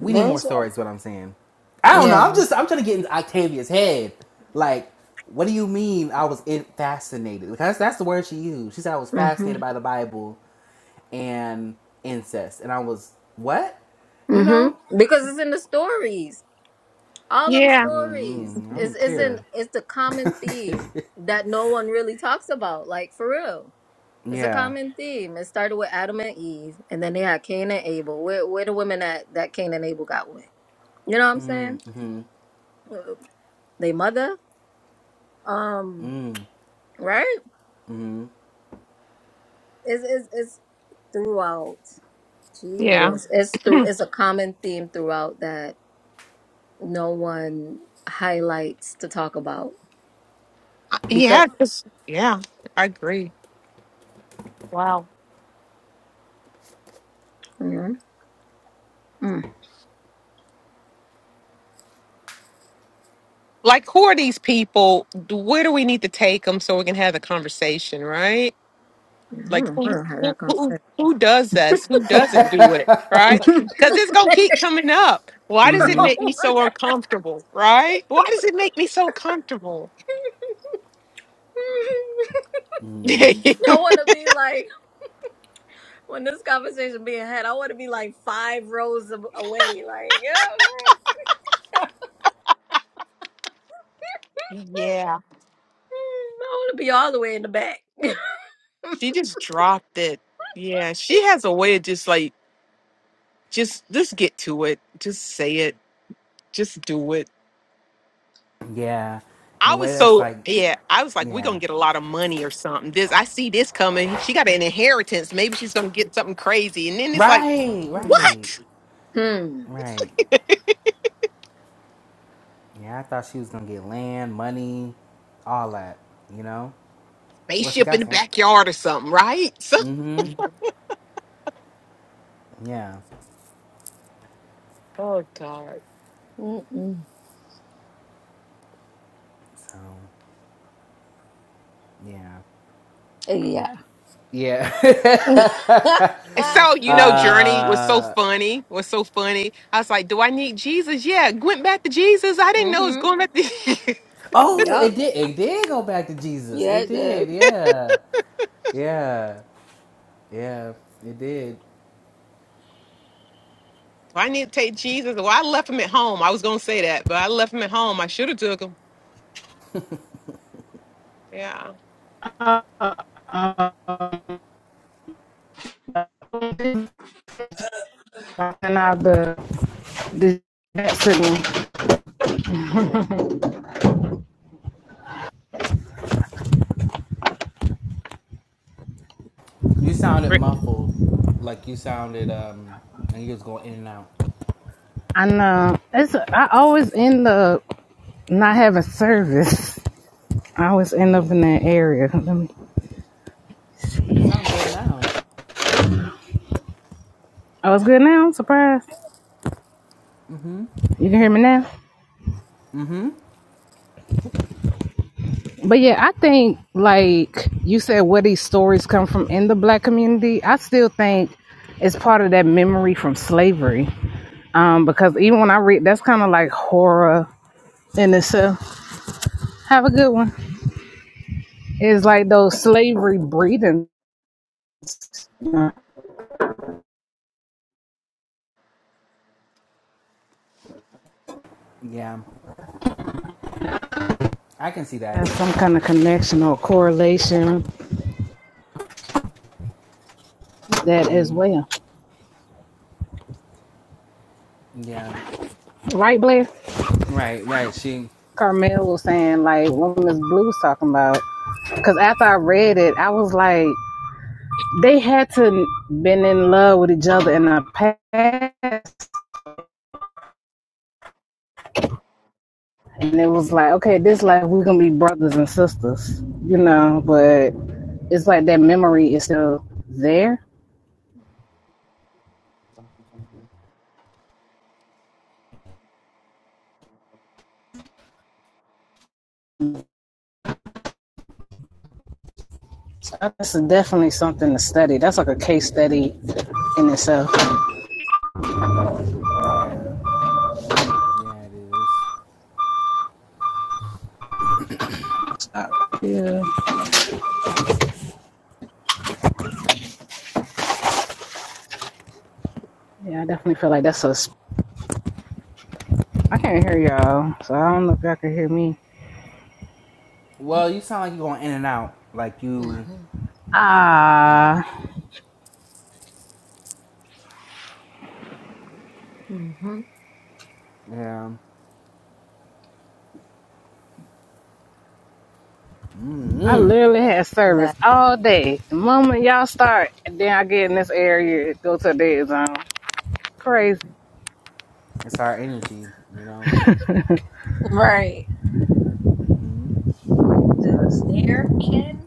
Speaker 1: We need more
Speaker 4: There's a
Speaker 1: stories. What I'm saying. I don't know. I'm
Speaker 4: yeah.
Speaker 1: just I'm trying to get into Octavia's head. Like, what do you mean? I was in fascinated because that's the word she used. She said I was fascinated
Speaker 4: Mhm.
Speaker 1: by the Bible and incest, and I was what? You
Speaker 4: Mhm.
Speaker 1: know?
Speaker 4: Because it's in the stories. All them
Speaker 2: Yeah,
Speaker 4: stories
Speaker 1: Mm-mm, I
Speaker 4: is
Speaker 1: don't
Speaker 4: isn't
Speaker 1: care.
Speaker 4: it's the common theme that no one really talks about. Like for real, it's a
Speaker 1: yeah.
Speaker 4: common theme. It started with Adam and Eve, and then they had Cain and Abel. Where where the women that that Cain and Abel got with? You know what I'm saying?
Speaker 1: Mm-hmm.
Speaker 4: Uh, They mother. Um, right? It's it's, it's throughout. Gee
Speaker 2: yeah.
Speaker 4: whiz. It's through it's a common theme throughout that no one highlights to talk about.
Speaker 2: I-
Speaker 4: Because
Speaker 2: Yeah, just, yeah, I agree. Wow.
Speaker 4: Mhm. Mm.
Speaker 2: Like, who are these people? Where do we need to take them so we can have the conversation, right?
Speaker 4: I don't
Speaker 2: Like,
Speaker 4: know
Speaker 2: who,
Speaker 4: where I had
Speaker 2: who, who
Speaker 4: that
Speaker 2: who does this? Who doesn't do it, right?
Speaker 4: conversation.
Speaker 2: Because it's going to keep
Speaker 4: I
Speaker 2: coming up. Why does it make me so uncomfortable, right? Why does it make me so comfortable?
Speaker 4: don't want to be like when this conversation being had. I want to be like five rows ab- away. Like, yeah, I
Speaker 2: Yeah.
Speaker 4: want to be all the way in the back.
Speaker 2: She just dropped it. Yeah. She has a way of just like just just get to it. Just say it. Just do it.
Speaker 1: Yeah. In a
Speaker 2: I was
Speaker 1: way that's
Speaker 2: so
Speaker 1: like,
Speaker 2: yeah, I was like, we're
Speaker 1: yeah.
Speaker 2: gonna get a lot of money or something. This I see this coming. She got an inheritance. Maybe she's gonna get something crazy. And then it's like,
Speaker 1: Right, right,
Speaker 2: what?
Speaker 4: hmm.
Speaker 1: right. Yeah, I thought she was gonna get land, money, all that. You know. Well, she
Speaker 2: Spaceship in the
Speaker 1: got land.
Speaker 2: backyard or something, right? So
Speaker 1: Mm-hmm. Yeah.
Speaker 2: Oh God.
Speaker 4: Mm-mm.
Speaker 1: So, yeah.
Speaker 4: Yeah. this
Speaker 2: and
Speaker 1: Yeah.
Speaker 2: so you know,
Speaker 4: one.
Speaker 2: Journey was so
Speaker 1: uh.
Speaker 2: funny. Was so funny. I was like, "Do I need Jesus?" Yeah, went back to Jesus. I didn't know it was
Speaker 4: Mm-hmm.
Speaker 2: going back to.
Speaker 1: Oh,
Speaker 4: Yep.
Speaker 1: it did. It did go back to Jesus.
Speaker 4: Yeah,
Speaker 1: It
Speaker 4: it did.
Speaker 1: did. Yeah. Yeah. Yeah. It did.
Speaker 2: I need to take Jesus. Well, I left him at home. I was gonna say that, but I left him at home. I should have took him. Yeah.
Speaker 3: Um, and I the the that sitting.
Speaker 1: You sounded muffled, like you sounded um, and you was going in and out.
Speaker 3: I know. It's I always end up not having service. I always end up in that area. Let me-
Speaker 1: But you sound good now.
Speaker 3: Oh, it's good now. Surprise.
Speaker 1: Mm-hmm.
Speaker 3: You can hear me now.
Speaker 1: Mm-hmm.
Speaker 3: But yeah, I think like you said, where these stories come from in the black community, I still think it's part of that memory from slavery. Um, because even when I read, that's kind of like horror in itself. Have a good one. It's like those slavery breeding has
Speaker 1: Yeah. I can see that.
Speaker 3: some kind of connection or correlation that as well.
Speaker 1: Yeah.
Speaker 3: Right, Blair?
Speaker 1: Right, right. She,
Speaker 3: Carmel was saying, like when Miss Blue was talking about, because after I read it, I was like, they had to been in love with each other in the past, and it was like, okay, this life we're gonna be brothers and sisters, you know. But it's like that memory is still there. That's definitely something to study. That's like a case study in itself.
Speaker 1: yeah, yeah, It is.
Speaker 3: Yeah, yeah, I definitely feel like that's a. I can't
Speaker 1: Mm-hmm.
Speaker 3: hear y'all, so I don't know if y'all can hear me.
Speaker 1: Well, you sound like you're going in and out, like you,
Speaker 4: Mm-hmm.
Speaker 1: yeah,
Speaker 3: Ah.
Speaker 4: Mm-hmm.
Speaker 1: yeah.
Speaker 3: I
Speaker 1: Mm-hmm.
Speaker 3: literally had service
Speaker 4: Man.
Speaker 3: all day. The moment y'all start, then I get in this area, go to the dead zone. Crazy.
Speaker 1: It's our energy, you know.
Speaker 4: Right. She was Narkin.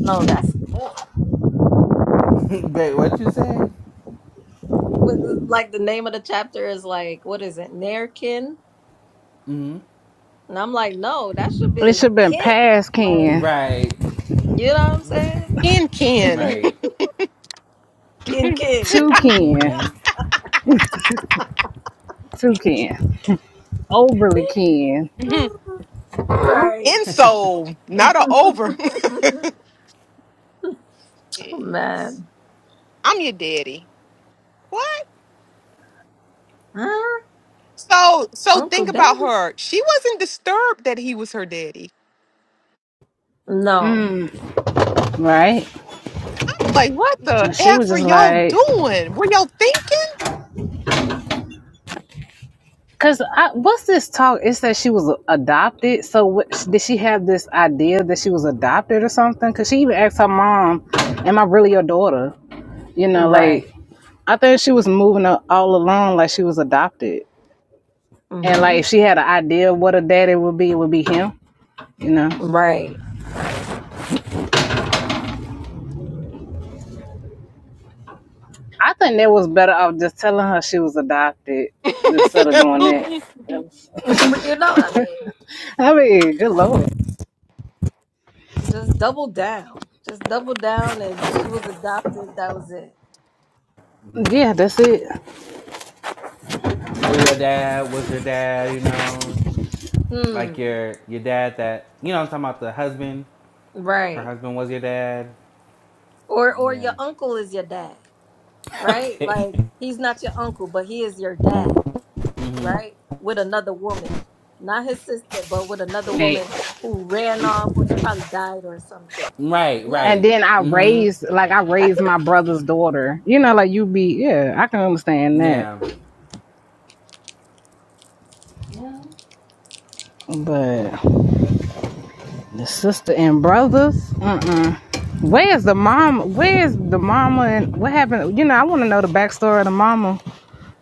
Speaker 4: No, that's Ken.
Speaker 1: but what you say?
Speaker 4: With like the name of the chapter is like, what is it? Narkin?
Speaker 1: Mm-hmm.
Speaker 4: And I'm like, no, that should
Speaker 3: It
Speaker 4: be
Speaker 3: should have been
Speaker 4: Ken.
Speaker 3: past
Speaker 4: Like,
Speaker 3: Ken,
Speaker 1: Right,
Speaker 4: you know what I'm saying?
Speaker 2: In Ken.
Speaker 1: right.
Speaker 4: Ken Ken.
Speaker 3: to Ken,
Speaker 1: Mm-hmm.
Speaker 3: to Ken, overly Ken,
Speaker 2: In
Speaker 4: right.
Speaker 2: soul. Not a over. Jeez.
Speaker 4: Man.
Speaker 2: I'm your daddy. What?
Speaker 4: Huh?
Speaker 2: So so
Speaker 4: Uncle
Speaker 2: think
Speaker 4: Daddy?
Speaker 2: about her. She wasn't disturbed that he was her daddy.
Speaker 4: No.
Speaker 3: right?
Speaker 2: I'm Like, what the
Speaker 3: And she
Speaker 2: F
Speaker 3: was
Speaker 2: are
Speaker 3: just
Speaker 2: y'all
Speaker 3: like,
Speaker 2: doing? Were y'all thinking?
Speaker 3: because what's this talk? It said she was adopted. So what, did she have this idea that she was adopted or something? Because she even asked her mom, Am I really your daughter? You know,
Speaker 4: Right.
Speaker 3: like, I think she was moving a- all along like she was adopted. And like
Speaker 4: Mm-hmm.
Speaker 3: if she had an idea of what her daddy would be, it would be him, you know.
Speaker 4: Right. Right. Mm-mm.
Speaker 3: I think that was better off just telling her she was adopted instead of doing that. That was-
Speaker 4: you know what I mean?
Speaker 3: I mean, good lord.
Speaker 4: Just double down. Just double down and she was adopted. That was it.
Speaker 1: Right.
Speaker 3: Yeah, that's it.
Speaker 1: Or your dad was your dad, you know, like
Speaker 4: Hmm.
Speaker 1: your your dad that you know. I'm talking about the husband. Her
Speaker 4: Right.
Speaker 1: husband was your dad.
Speaker 4: Or or
Speaker 1: Yeah.
Speaker 4: your uncle is your dad, right?
Speaker 1: okay.
Speaker 4: Like he's not your uncle, but he is your dad,
Speaker 1: Mm-hmm.
Speaker 4: right? With another woman. Not his sister, but with another
Speaker 3: Hey.
Speaker 4: woman who ran off or she probably died or something.
Speaker 1: Right,
Speaker 4: Yeah.
Speaker 3: And
Speaker 1: right.
Speaker 3: then I
Speaker 1: Mm-hmm.
Speaker 3: raised like I
Speaker 4: That
Speaker 3: raised
Speaker 4: could
Speaker 3: my
Speaker 4: have
Speaker 3: brother's daughter. You know, like you be yeah, I can understand that.
Speaker 1: Yeah.
Speaker 4: Yeah.
Speaker 3: But the sister and brothers, mm Where's the mom? Where's the mama? And what happened? You know, I want to know the backstory of the mama,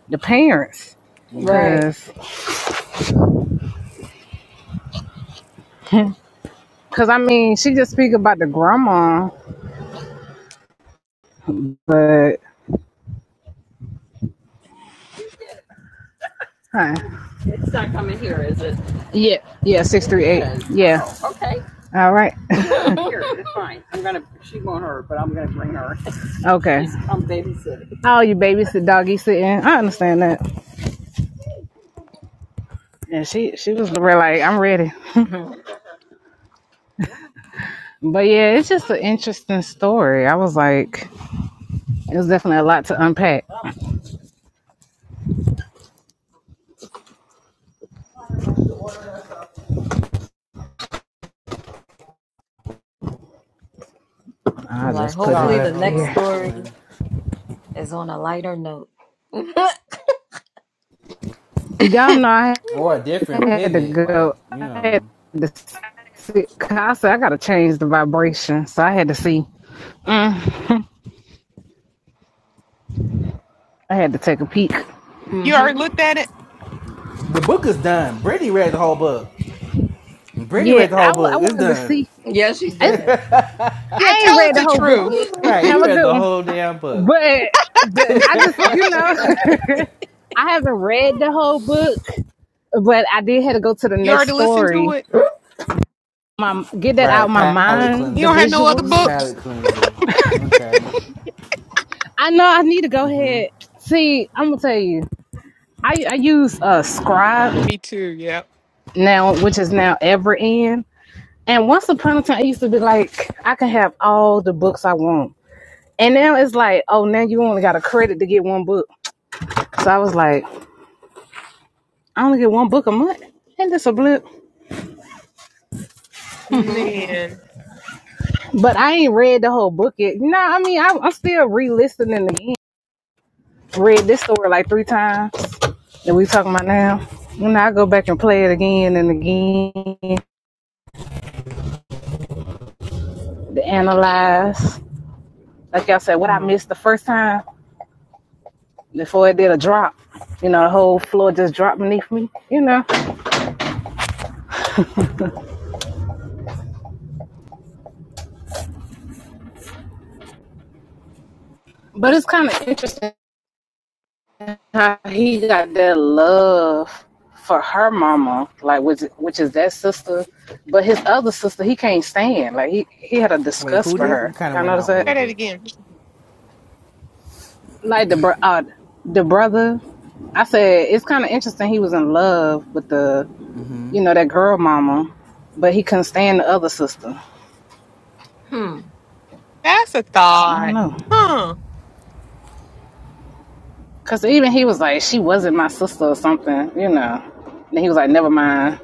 Speaker 3: the parents,
Speaker 1: Mm-hmm.
Speaker 4: Right.
Speaker 3: cause Cause I mean, she just speak about the grandma, but huh? Yeah, yeah, six three eight. Yeah. All right. Okay. I'm babysitting. Oh, you babysit doggy sitting. I understand that. And she she was real like, I'm ready. But yeah, it's just an interesting story. I was like, it was definitely a lot to unpack.
Speaker 4: I'm
Speaker 3: I'll
Speaker 4: like,
Speaker 3: just put it
Speaker 4: hopefully
Speaker 1: Sorry,
Speaker 4: the
Speaker 3: up
Speaker 1: hold
Speaker 4: next
Speaker 1: on,
Speaker 3: here.
Speaker 1: I'm
Speaker 4: story
Speaker 1: chewing.
Speaker 4: is on a lighter note.
Speaker 3: Y'all know I
Speaker 1: Or a different
Speaker 3: had to
Speaker 1: pivot,
Speaker 3: go.
Speaker 1: like, you
Speaker 3: I had
Speaker 1: know.
Speaker 3: to see. I said I gotta change the vibration, so I had to see. I had to take a peek.
Speaker 2: you
Speaker 4: hmm
Speaker 2: already looked at it?
Speaker 1: The book is done. Brittany read the whole book. Brittany
Speaker 3: Yeah,
Speaker 1: read the
Speaker 3: I
Speaker 1: whole
Speaker 3: w- I
Speaker 1: book. It's
Speaker 3: wanted to
Speaker 1: done.
Speaker 3: see.
Speaker 4: Yes, she
Speaker 3: I, just,
Speaker 4: did.
Speaker 2: Yeah,
Speaker 3: I ain't
Speaker 2: tell us
Speaker 3: read the
Speaker 2: the
Speaker 3: whole book yet.
Speaker 2: truth.
Speaker 1: Right,
Speaker 3: Have
Speaker 1: you
Speaker 3: a
Speaker 1: read
Speaker 3: good
Speaker 1: the
Speaker 3: one.
Speaker 1: whole damn book.
Speaker 3: But the,
Speaker 4: hmm
Speaker 3: I just, you know, I haven't read the whole book, but I did have to go to the
Speaker 2: You
Speaker 3: next
Speaker 2: already listened to
Speaker 3: story.
Speaker 2: it?
Speaker 3: My get that out of
Speaker 1: Right,
Speaker 3: my
Speaker 1: palate
Speaker 3: mind.
Speaker 2: You
Speaker 3: The
Speaker 2: don't
Speaker 1: cleanser.
Speaker 2: have no other
Speaker 3: visuals.
Speaker 4: hmm
Speaker 2: books?
Speaker 1: palate cleanser. Okay.
Speaker 3: I know I need to go
Speaker 1: Mm-hmm.
Speaker 3: ahead. See, I'm gonna tell you. I I use uh Scribe
Speaker 2: Me too. Yep.
Speaker 3: now, which is now Everend. And once upon a time, it used to be like I can have all the books I want, and now it's like, oh, now you only got a credit to get one book. So I was like, I only get one book a month. Ain't this a blip?
Speaker 4: hmm
Speaker 2: Man,
Speaker 3: But I ain't read the whole book yet. Nah, I mean, I, I'm still re-listening again. Read this story like three times that we talking about now. When I go back and play it again and again to analyze. Like y'all said, what I missed the first time before it did a drop. You know, the whole floor just dropped beneath me, you know. But it's kind of interesting how he got that love for her mama, like which which is that sister, but his other sister he can't stand. Like he he had a
Speaker 1: Wait,
Speaker 3: disgust
Speaker 1: who
Speaker 3: for
Speaker 2: Mhm.
Speaker 1: did?
Speaker 3: her.
Speaker 1: You kinda
Speaker 3: Y'all
Speaker 1: went
Speaker 3: notice
Speaker 1: out a
Speaker 3: that?
Speaker 1: little
Speaker 2: try that
Speaker 1: bit.
Speaker 2: again.
Speaker 3: Like the bro, uh, the brother. I said it's kind of interesting. He was in love with the
Speaker 1: Mm-hmm.
Speaker 3: you know that girl mama, but he couldn't stand the other sister.
Speaker 2: That's a
Speaker 3: So I don't
Speaker 2: thought,
Speaker 3: know.
Speaker 2: huh?
Speaker 3: Cause even he was like she wasn't my sister or something, you know. And he was like, never mind.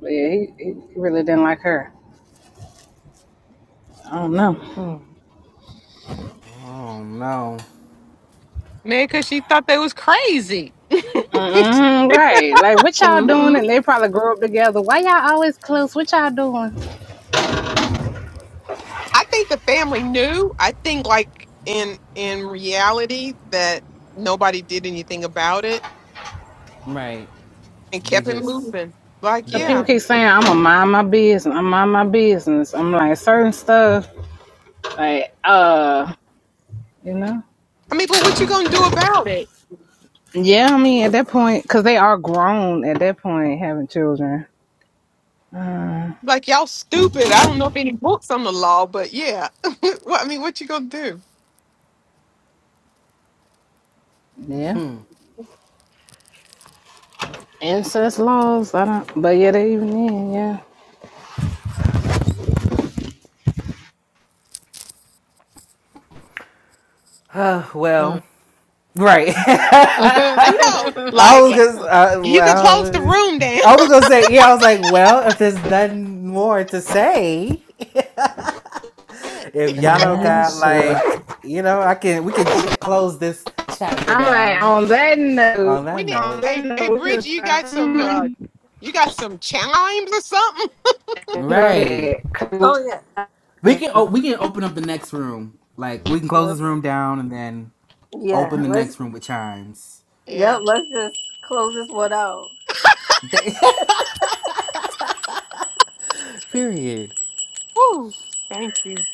Speaker 3: But yeah, he, he really didn't like her. I don't know.
Speaker 1: Oh no.
Speaker 2: Man, because she thought they was crazy. I
Speaker 3: Mm-hmm, right. Like, what
Speaker 4: hmm
Speaker 3: y'all doing?
Speaker 4: hmm
Speaker 3: And they probably grew up together. Why y'all always close? What y'all doing? doing?
Speaker 2: think the family knew. I think, like in in reality, that nobody did anything about it
Speaker 1: Right.
Speaker 2: and
Speaker 1: They
Speaker 2: kept it
Speaker 1: just
Speaker 2: moving. Like,
Speaker 3: Cause
Speaker 2: yeah.
Speaker 3: people
Speaker 1: yeah.
Speaker 3: keep saying, I'm going to mind my business. I'm mind my business. I'm like, certain stuff, like, uh, you know?
Speaker 2: I mean, but what you gonna do about it?
Speaker 3: Yeah, I mean, at that point, because they are grown at that point, having children.
Speaker 2: Like, y'all stupid. I don't know if any books on the law, but yeah. well, I mean, what you gonna do?
Speaker 3: Yeah.
Speaker 1: Hmm.
Speaker 3: Incest laws, I don't, but yeah, they even in, yeah.
Speaker 1: Uh, well. Right.
Speaker 2: I know.
Speaker 1: I
Speaker 2: Like,
Speaker 1: was gonna, uh,
Speaker 2: you can close the
Speaker 1: well,
Speaker 2: room down.
Speaker 1: I was gonna say, yeah. I was like, well, if there's nothing more to say,
Speaker 2: Yes.
Speaker 1: if y'all don't got
Speaker 4: Man.
Speaker 3: Yes. Uh,
Speaker 1: like, you know, I can, we can ch- close this chapter
Speaker 3: I'm like,
Speaker 1: down
Speaker 3: on that
Speaker 1: on
Speaker 3: note,
Speaker 2: We
Speaker 1: that
Speaker 2: need
Speaker 3: on
Speaker 1: note.
Speaker 3: that
Speaker 2: hey hey
Speaker 3: note, we
Speaker 2: Bridget,
Speaker 3: just,
Speaker 2: you got some uh
Speaker 3: mm,
Speaker 2: you got some chimes or something?
Speaker 3: go
Speaker 1: Right.
Speaker 3: ahead.
Speaker 4: Oh yeah.
Speaker 1: We can, oh, we can open up the next room. Like, we can close this
Speaker 4: Let's
Speaker 1: room down and then
Speaker 4: yeah,
Speaker 1: open the
Speaker 4: let's
Speaker 1: next room with chimes.
Speaker 4: yep,
Speaker 2: Yeah.
Speaker 4: let's just close this one out.
Speaker 1: Period.
Speaker 2: Woo. Thank you.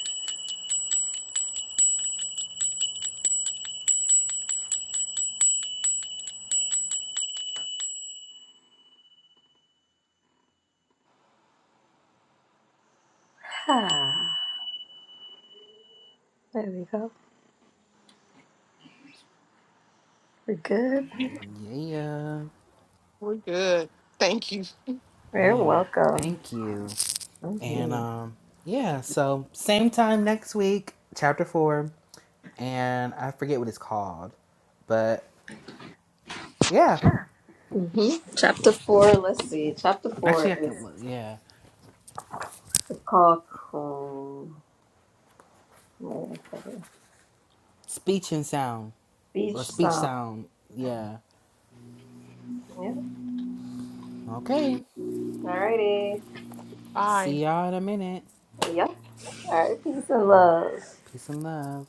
Speaker 4: there we go. We're good.
Speaker 1: Yeah.
Speaker 2: We're good. Thank you.
Speaker 4: You're
Speaker 1: Yeah.
Speaker 4: welcome.
Speaker 1: Thank you.
Speaker 4: hmm
Speaker 1: And um, yeah, so same time next week, chapter four, and I forget what it's called, but yeah,
Speaker 4: hmm Chapter four. Let's see. Chapter four
Speaker 1: actually I can
Speaker 4: is
Speaker 1: look. Yeah,
Speaker 4: it's called. Cool. Wait a second.
Speaker 1: speech and sound
Speaker 4: Beach
Speaker 1: or speech
Speaker 4: song.
Speaker 1: sound. Yeah.
Speaker 4: Yeah.
Speaker 1: Okay.
Speaker 4: Alrighty.
Speaker 2: Bye.
Speaker 1: See y'all in a minute.
Speaker 4: Yep. All right. Peace and
Speaker 1: All right.
Speaker 4: love.
Speaker 1: Peace and love.